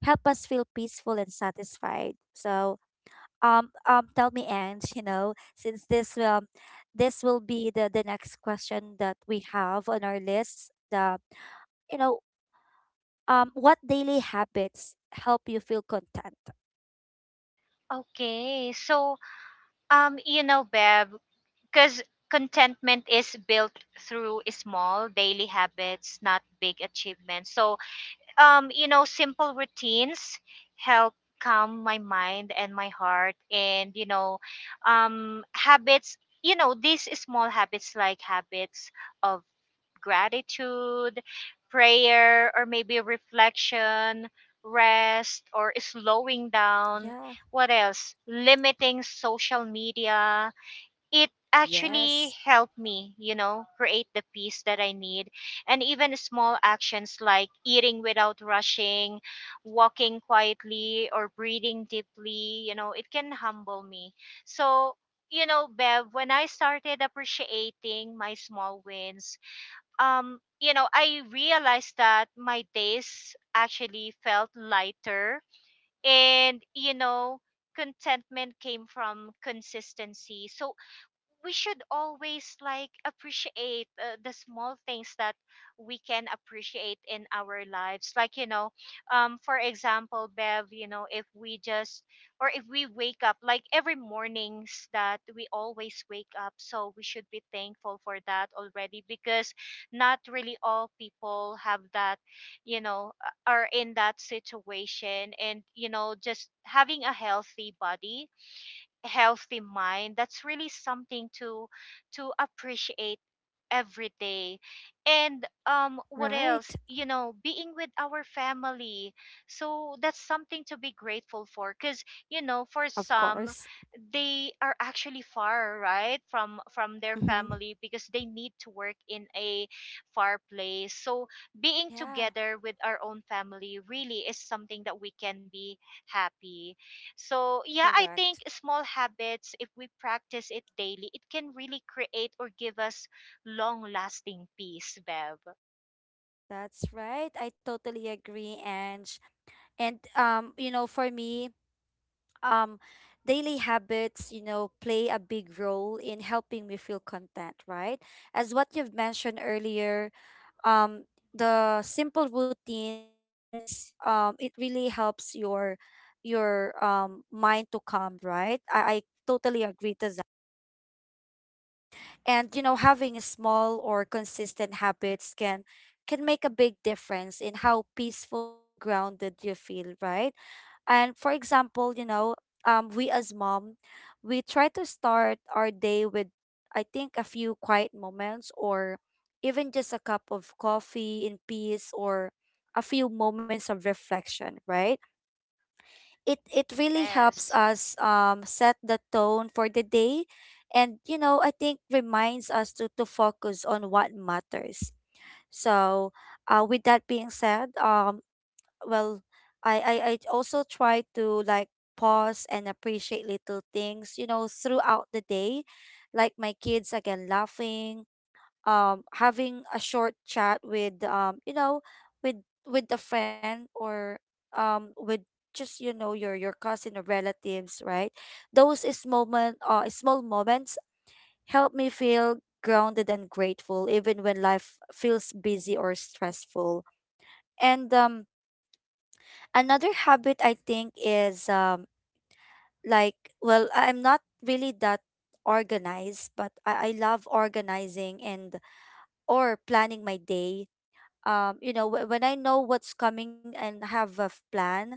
Speaker 1: help us feel peaceful and satisfied. So, tell me, Ange, you know, since this this will be the next question that we have on our list. The you know, what daily habits help you feel content?
Speaker 2: Okay. So, Bev, because contentment is built through small daily habits, not big achievements. So, simple routines help calm my mind and my heart, and, habits, these small habits, like habits of gratitude, prayer, or maybe reflection, rest, or slowing
Speaker 1: Yeah.
Speaker 2: down. What else? Limiting social media. It
Speaker 1: Yes.
Speaker 2: actually helped me, create the peace that I need. And even small actions like eating without rushing, walking quietly, or breathing deeply, it can humble me. So, Bev, when I started appreciating my small wins, I realized that my days actually felt lighter, and contentment came from consistency. So we should always, like, appreciate, the small things that we can appreciate in our lives, like, for example, Bev, if we just or if we wake up, like every mornings that we always wake up, so we should be thankful for that already, because not really all people have that, are in that situation. And just having a healthy body, healthy mind, that's really something to appreciate every day. And what else,
Speaker 1: Right.
Speaker 2: being with our family, so that's something to be grateful for, because for
Speaker 1: Of
Speaker 2: some,
Speaker 1: course.
Speaker 2: they are actually far, right, from their
Speaker 1: Mm-hmm.
Speaker 2: family, because they need to work in a far place. So being
Speaker 1: Yeah.
Speaker 2: together with our own family, really, is something that we can be happy. So, yeah, I think
Speaker 1: Correct.
Speaker 2: small habits, if we practice it daily, it can really create or give us long lasting peace, Bev.
Speaker 1: That's right. I totally agree, Ange. And you know, for me, um, daily habits, you know, play a big role in helping me feel content, right? As what you've mentioned earlier, um, the simple routines, it really helps your mind to calm, right? I totally agree to. And you know, having a small or consistent habits can make a big difference in how peaceful and grounded you feel, right? And for example, you know, we as mom, we try to start our day with, I think, a few quiet moments, or even just a cup of coffee in peace, or a few moments of reflection, right? It really
Speaker 2: Yes,
Speaker 1: helps us set the tone for the day, and I think reminds us to focus on what matters. So, with that being said, well I also try to, like, pause and appreciate little things throughout the day, like my kids again laughing, having a short chat with with a friend, or with, just your cousin or relatives, right? Those is moment, small moments help me feel grounded and grateful even when life feels busy or stressful. And another habit, I think, is, like, well, I'm not really that organized, but I love organizing and or planning my day. When I know what's coming and have a plan,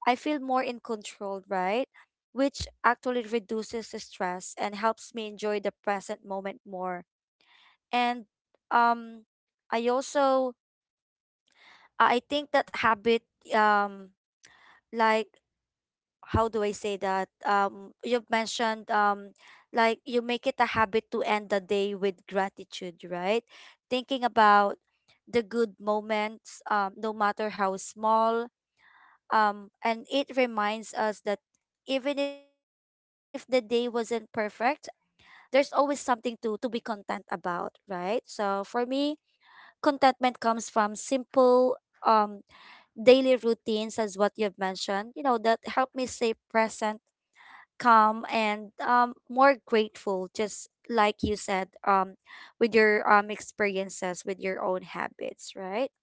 Speaker 1: I feel more in control, right? Which actually reduces the stress and helps me enjoy the present moment more. And um, I also, I think that habit, um, like, how do I say that? You've mentioned, like, you make it a habit to end the day with gratitude, right? Thinking about the good moments, no matter how small. And it reminds us that even if the day wasn't perfect, there's always something to be content about, right? So for me, contentment comes from simple um daily routines as what you've mentioned, you know, that help me stay present, calm, and more grateful, just like you said, with your experiences, with your own habits, right?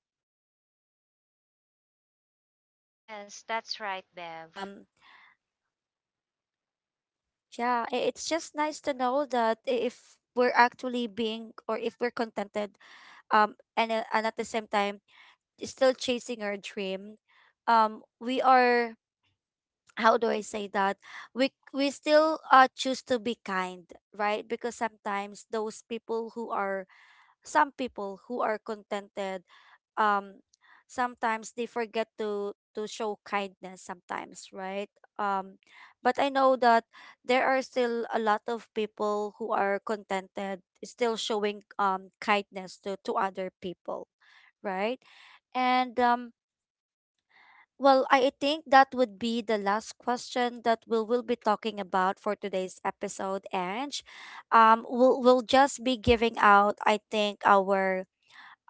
Speaker 1: And it's really nice to
Speaker 2: yes, that's
Speaker 1: know
Speaker 2: right,
Speaker 1: that
Speaker 2: Bev.
Speaker 1: yeah, it's just nice to know that, if we're actually being, or if we're contented, um, and at the same time still chasing our dream, we are. How do I say that? We still choose to be kind, right? Because sometimes those people who are, some people who are contented, um sometimes they forget to show kindness sometimes, right? um but I know that there are still a lot of people who are contented still showing kindness to other people, right? And well, I think that would be the last question that we will be talking about for today's episode. And we'll just be giving out, I think, our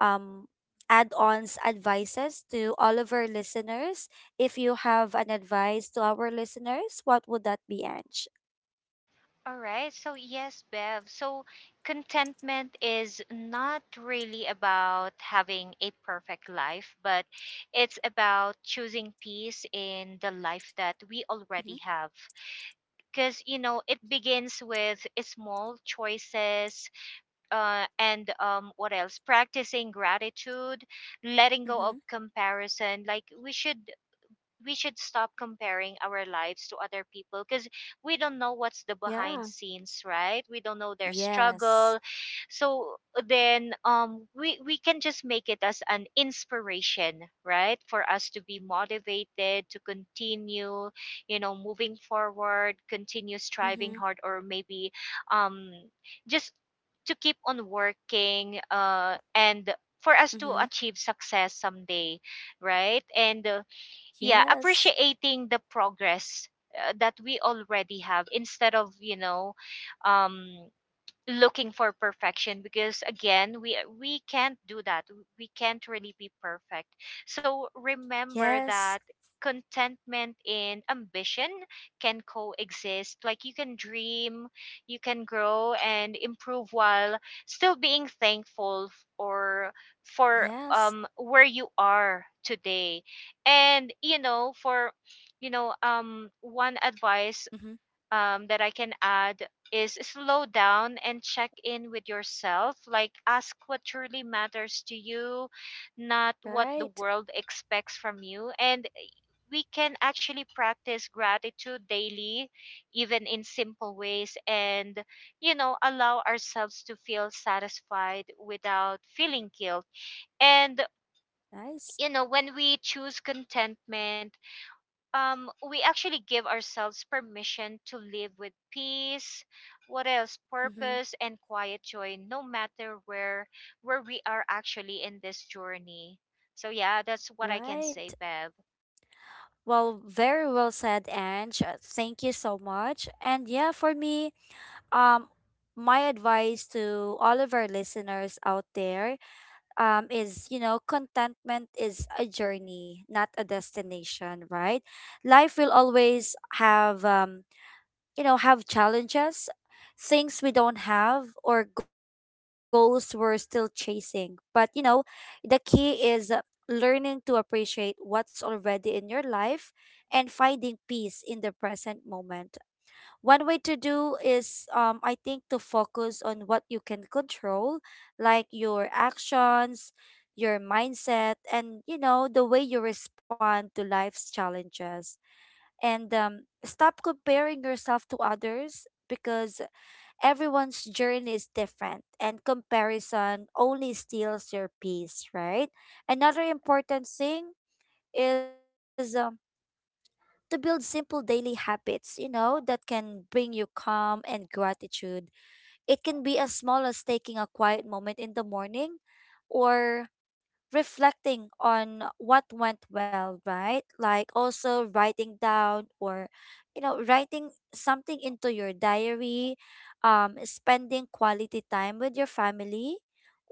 Speaker 1: um, add-ons advices to all of our listeners. If you have an advice to our listeners, what would that be, Ange?
Speaker 2: All right, so yes, Bev. So, contentment is not really about having a perfect life, but it's about choosing peace in the life that we
Speaker 1: Mm-hmm.
Speaker 2: already have. Because, it begins with small choices, and, what else, practicing gratitude, letting go of
Speaker 1: Mm-hmm.
Speaker 2: comparison, like we should stop comparing our lives to other people, because we don't know what's the behind
Speaker 1: Yeah.
Speaker 2: scenes, right? We don't know their struggle.
Speaker 1: Yes.
Speaker 2: So then, we can just make it as an inspiration, right, for us to be motivated to continue, moving forward, continue striving
Speaker 1: Mm-hmm.
Speaker 2: hard, or maybe, um just to keep on working, and for us to
Speaker 1: Mm-hmm.
Speaker 2: achieve success someday, right? And, yeah,
Speaker 1: Yes.
Speaker 2: appreciating the progress, that we already have, instead of, um, looking for perfection, because again, we can't do that. We can't really be perfect. So remember
Speaker 1: Yes.
Speaker 2: that contentment and ambition can coexist. Like, you can dream, you can grow and improve, while still being thankful f- or for
Speaker 1: Yes.
Speaker 2: where you are today. And, for, one advice,
Speaker 1: Mm-hmm.
Speaker 2: that I can add is slow down and check in with yourself. Like, ask what truly matters to you, not what the
Speaker 1: Right.
Speaker 2: world expects from you. And we can actually practice gratitude daily, even in simple ways, and, allow ourselves to feel satisfied without feeling guilt. And,
Speaker 1: Nice.
Speaker 2: when we choose contentment, we actually give ourselves permission to live with peace, what else,
Speaker 1: Mm-hmm.
Speaker 2: purpose, and quiet joy, no matter where we are actually in this journey. So yeah, that's what I can say,
Speaker 1: Right.
Speaker 2: Bev.
Speaker 1: Well, very well said, Ange. Thank you so much. And yeah, for me, um, my advice to all of our listeners out there, is, you know, contentment is a journey, not a destination, right? Life will always have, you know, have challenges, things we don't have, or goals we're still chasing. But, you know, the key is, learning to appreciate what's already in your life and finding peace in the present moment. One way to do is, I think, to focus on what you can control, like your actions, your mindset, and, you know, the way you respond to life's challenges. And stop comparing yourself to others, because everyone's journey is different and comparison only steals your peace, right? Another important thing is, to build simple daily habits, you know, that can bring you calm and gratitude. It can be as small as taking a quiet moment in the morning, or reflecting on what went well, right? Like also writing down, or, you know, writing something into your diary, spending quality time with your family,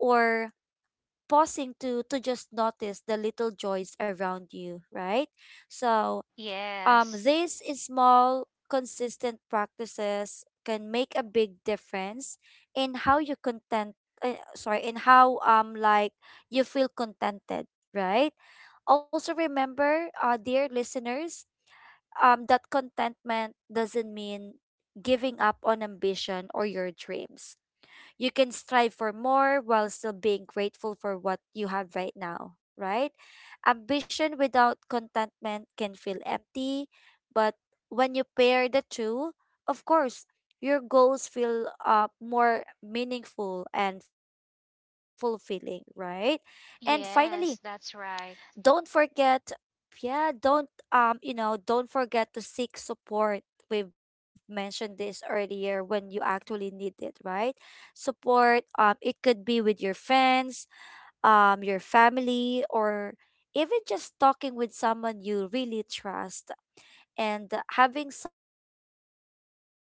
Speaker 1: or pausing to just notice the little joys around you, right? So
Speaker 2: Yes,
Speaker 1: these small, consistent practices can make a big difference in how you content. Sorry, in how, like, you feel contented, right? Also remember, dear listeners, that contentment doesn't mean giving up on ambition or your dreams. You can strive for more while still being grateful for what you have right now, right? Ambition without contentment can feel empty, but when you pair the two, of course, your goals feel, more meaningful and fulfilling, right? And finally,
Speaker 2: yes, that's
Speaker 1: don't
Speaker 2: right.
Speaker 1: forget, yeah don't you know, don't forget to seek support. We've mentioned this earlier, when you actually need it, right? Support, it could be with your friends, your family, or even just talking with someone you really trust. And having someone to share your journey with,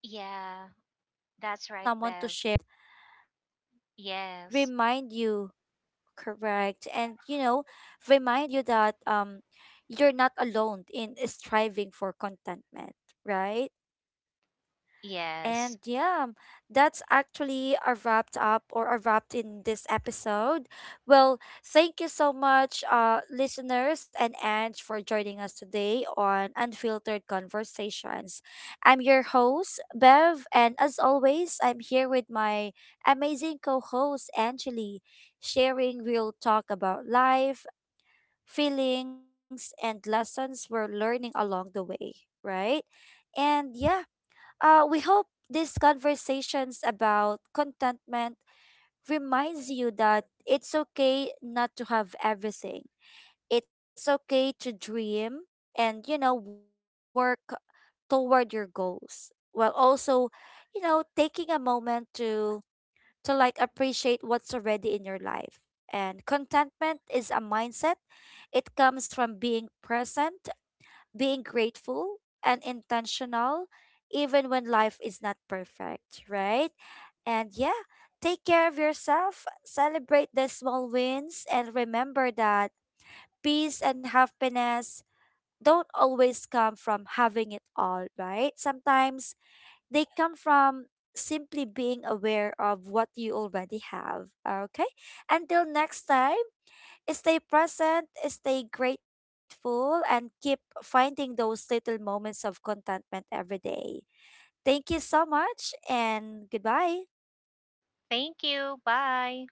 Speaker 1: you know, can
Speaker 2: Yeah,
Speaker 1: help you feel
Speaker 2: that's
Speaker 1: grounded
Speaker 2: right,
Speaker 1: and
Speaker 2: Bev.
Speaker 1: remind you.
Speaker 2: Yes,
Speaker 1: Correct. And you know, remind you that you're not alone in striving for contentment, right? And
Speaker 2: yes.
Speaker 1: yeah, that's actually a wrapped up, or a wrapped in this episode. Well, thank you so much, listeners and Ange, for joining us today on Unfiltered Conversations. I'm your host, Bev, and as always, I'm here with my amazing co host, Angeli, sharing real talk about life, feelings, and lessons we're learning along the way, right? And yeah, we hope these conversations about contentment reminds you that it's okay not to have everything. It's okay to dream and, you know, work toward your goals while also, you know, taking a moment to like appreciate what's already in your life. And contentment is a mindset. It comes from being present, being grateful and intentional, even when life is not perfect, right? And yeah, take care of yourself, celebrate the small wins, and remember that peace and happiness don't always come from having it all, right? Sometimes they come from simply being aware of what you already have. Okay? Until next time, stay present, stay grateful, and keep finding those little moments of contentment every day. Thank you so much, and goodbye.
Speaker 2: Thank you. Bye.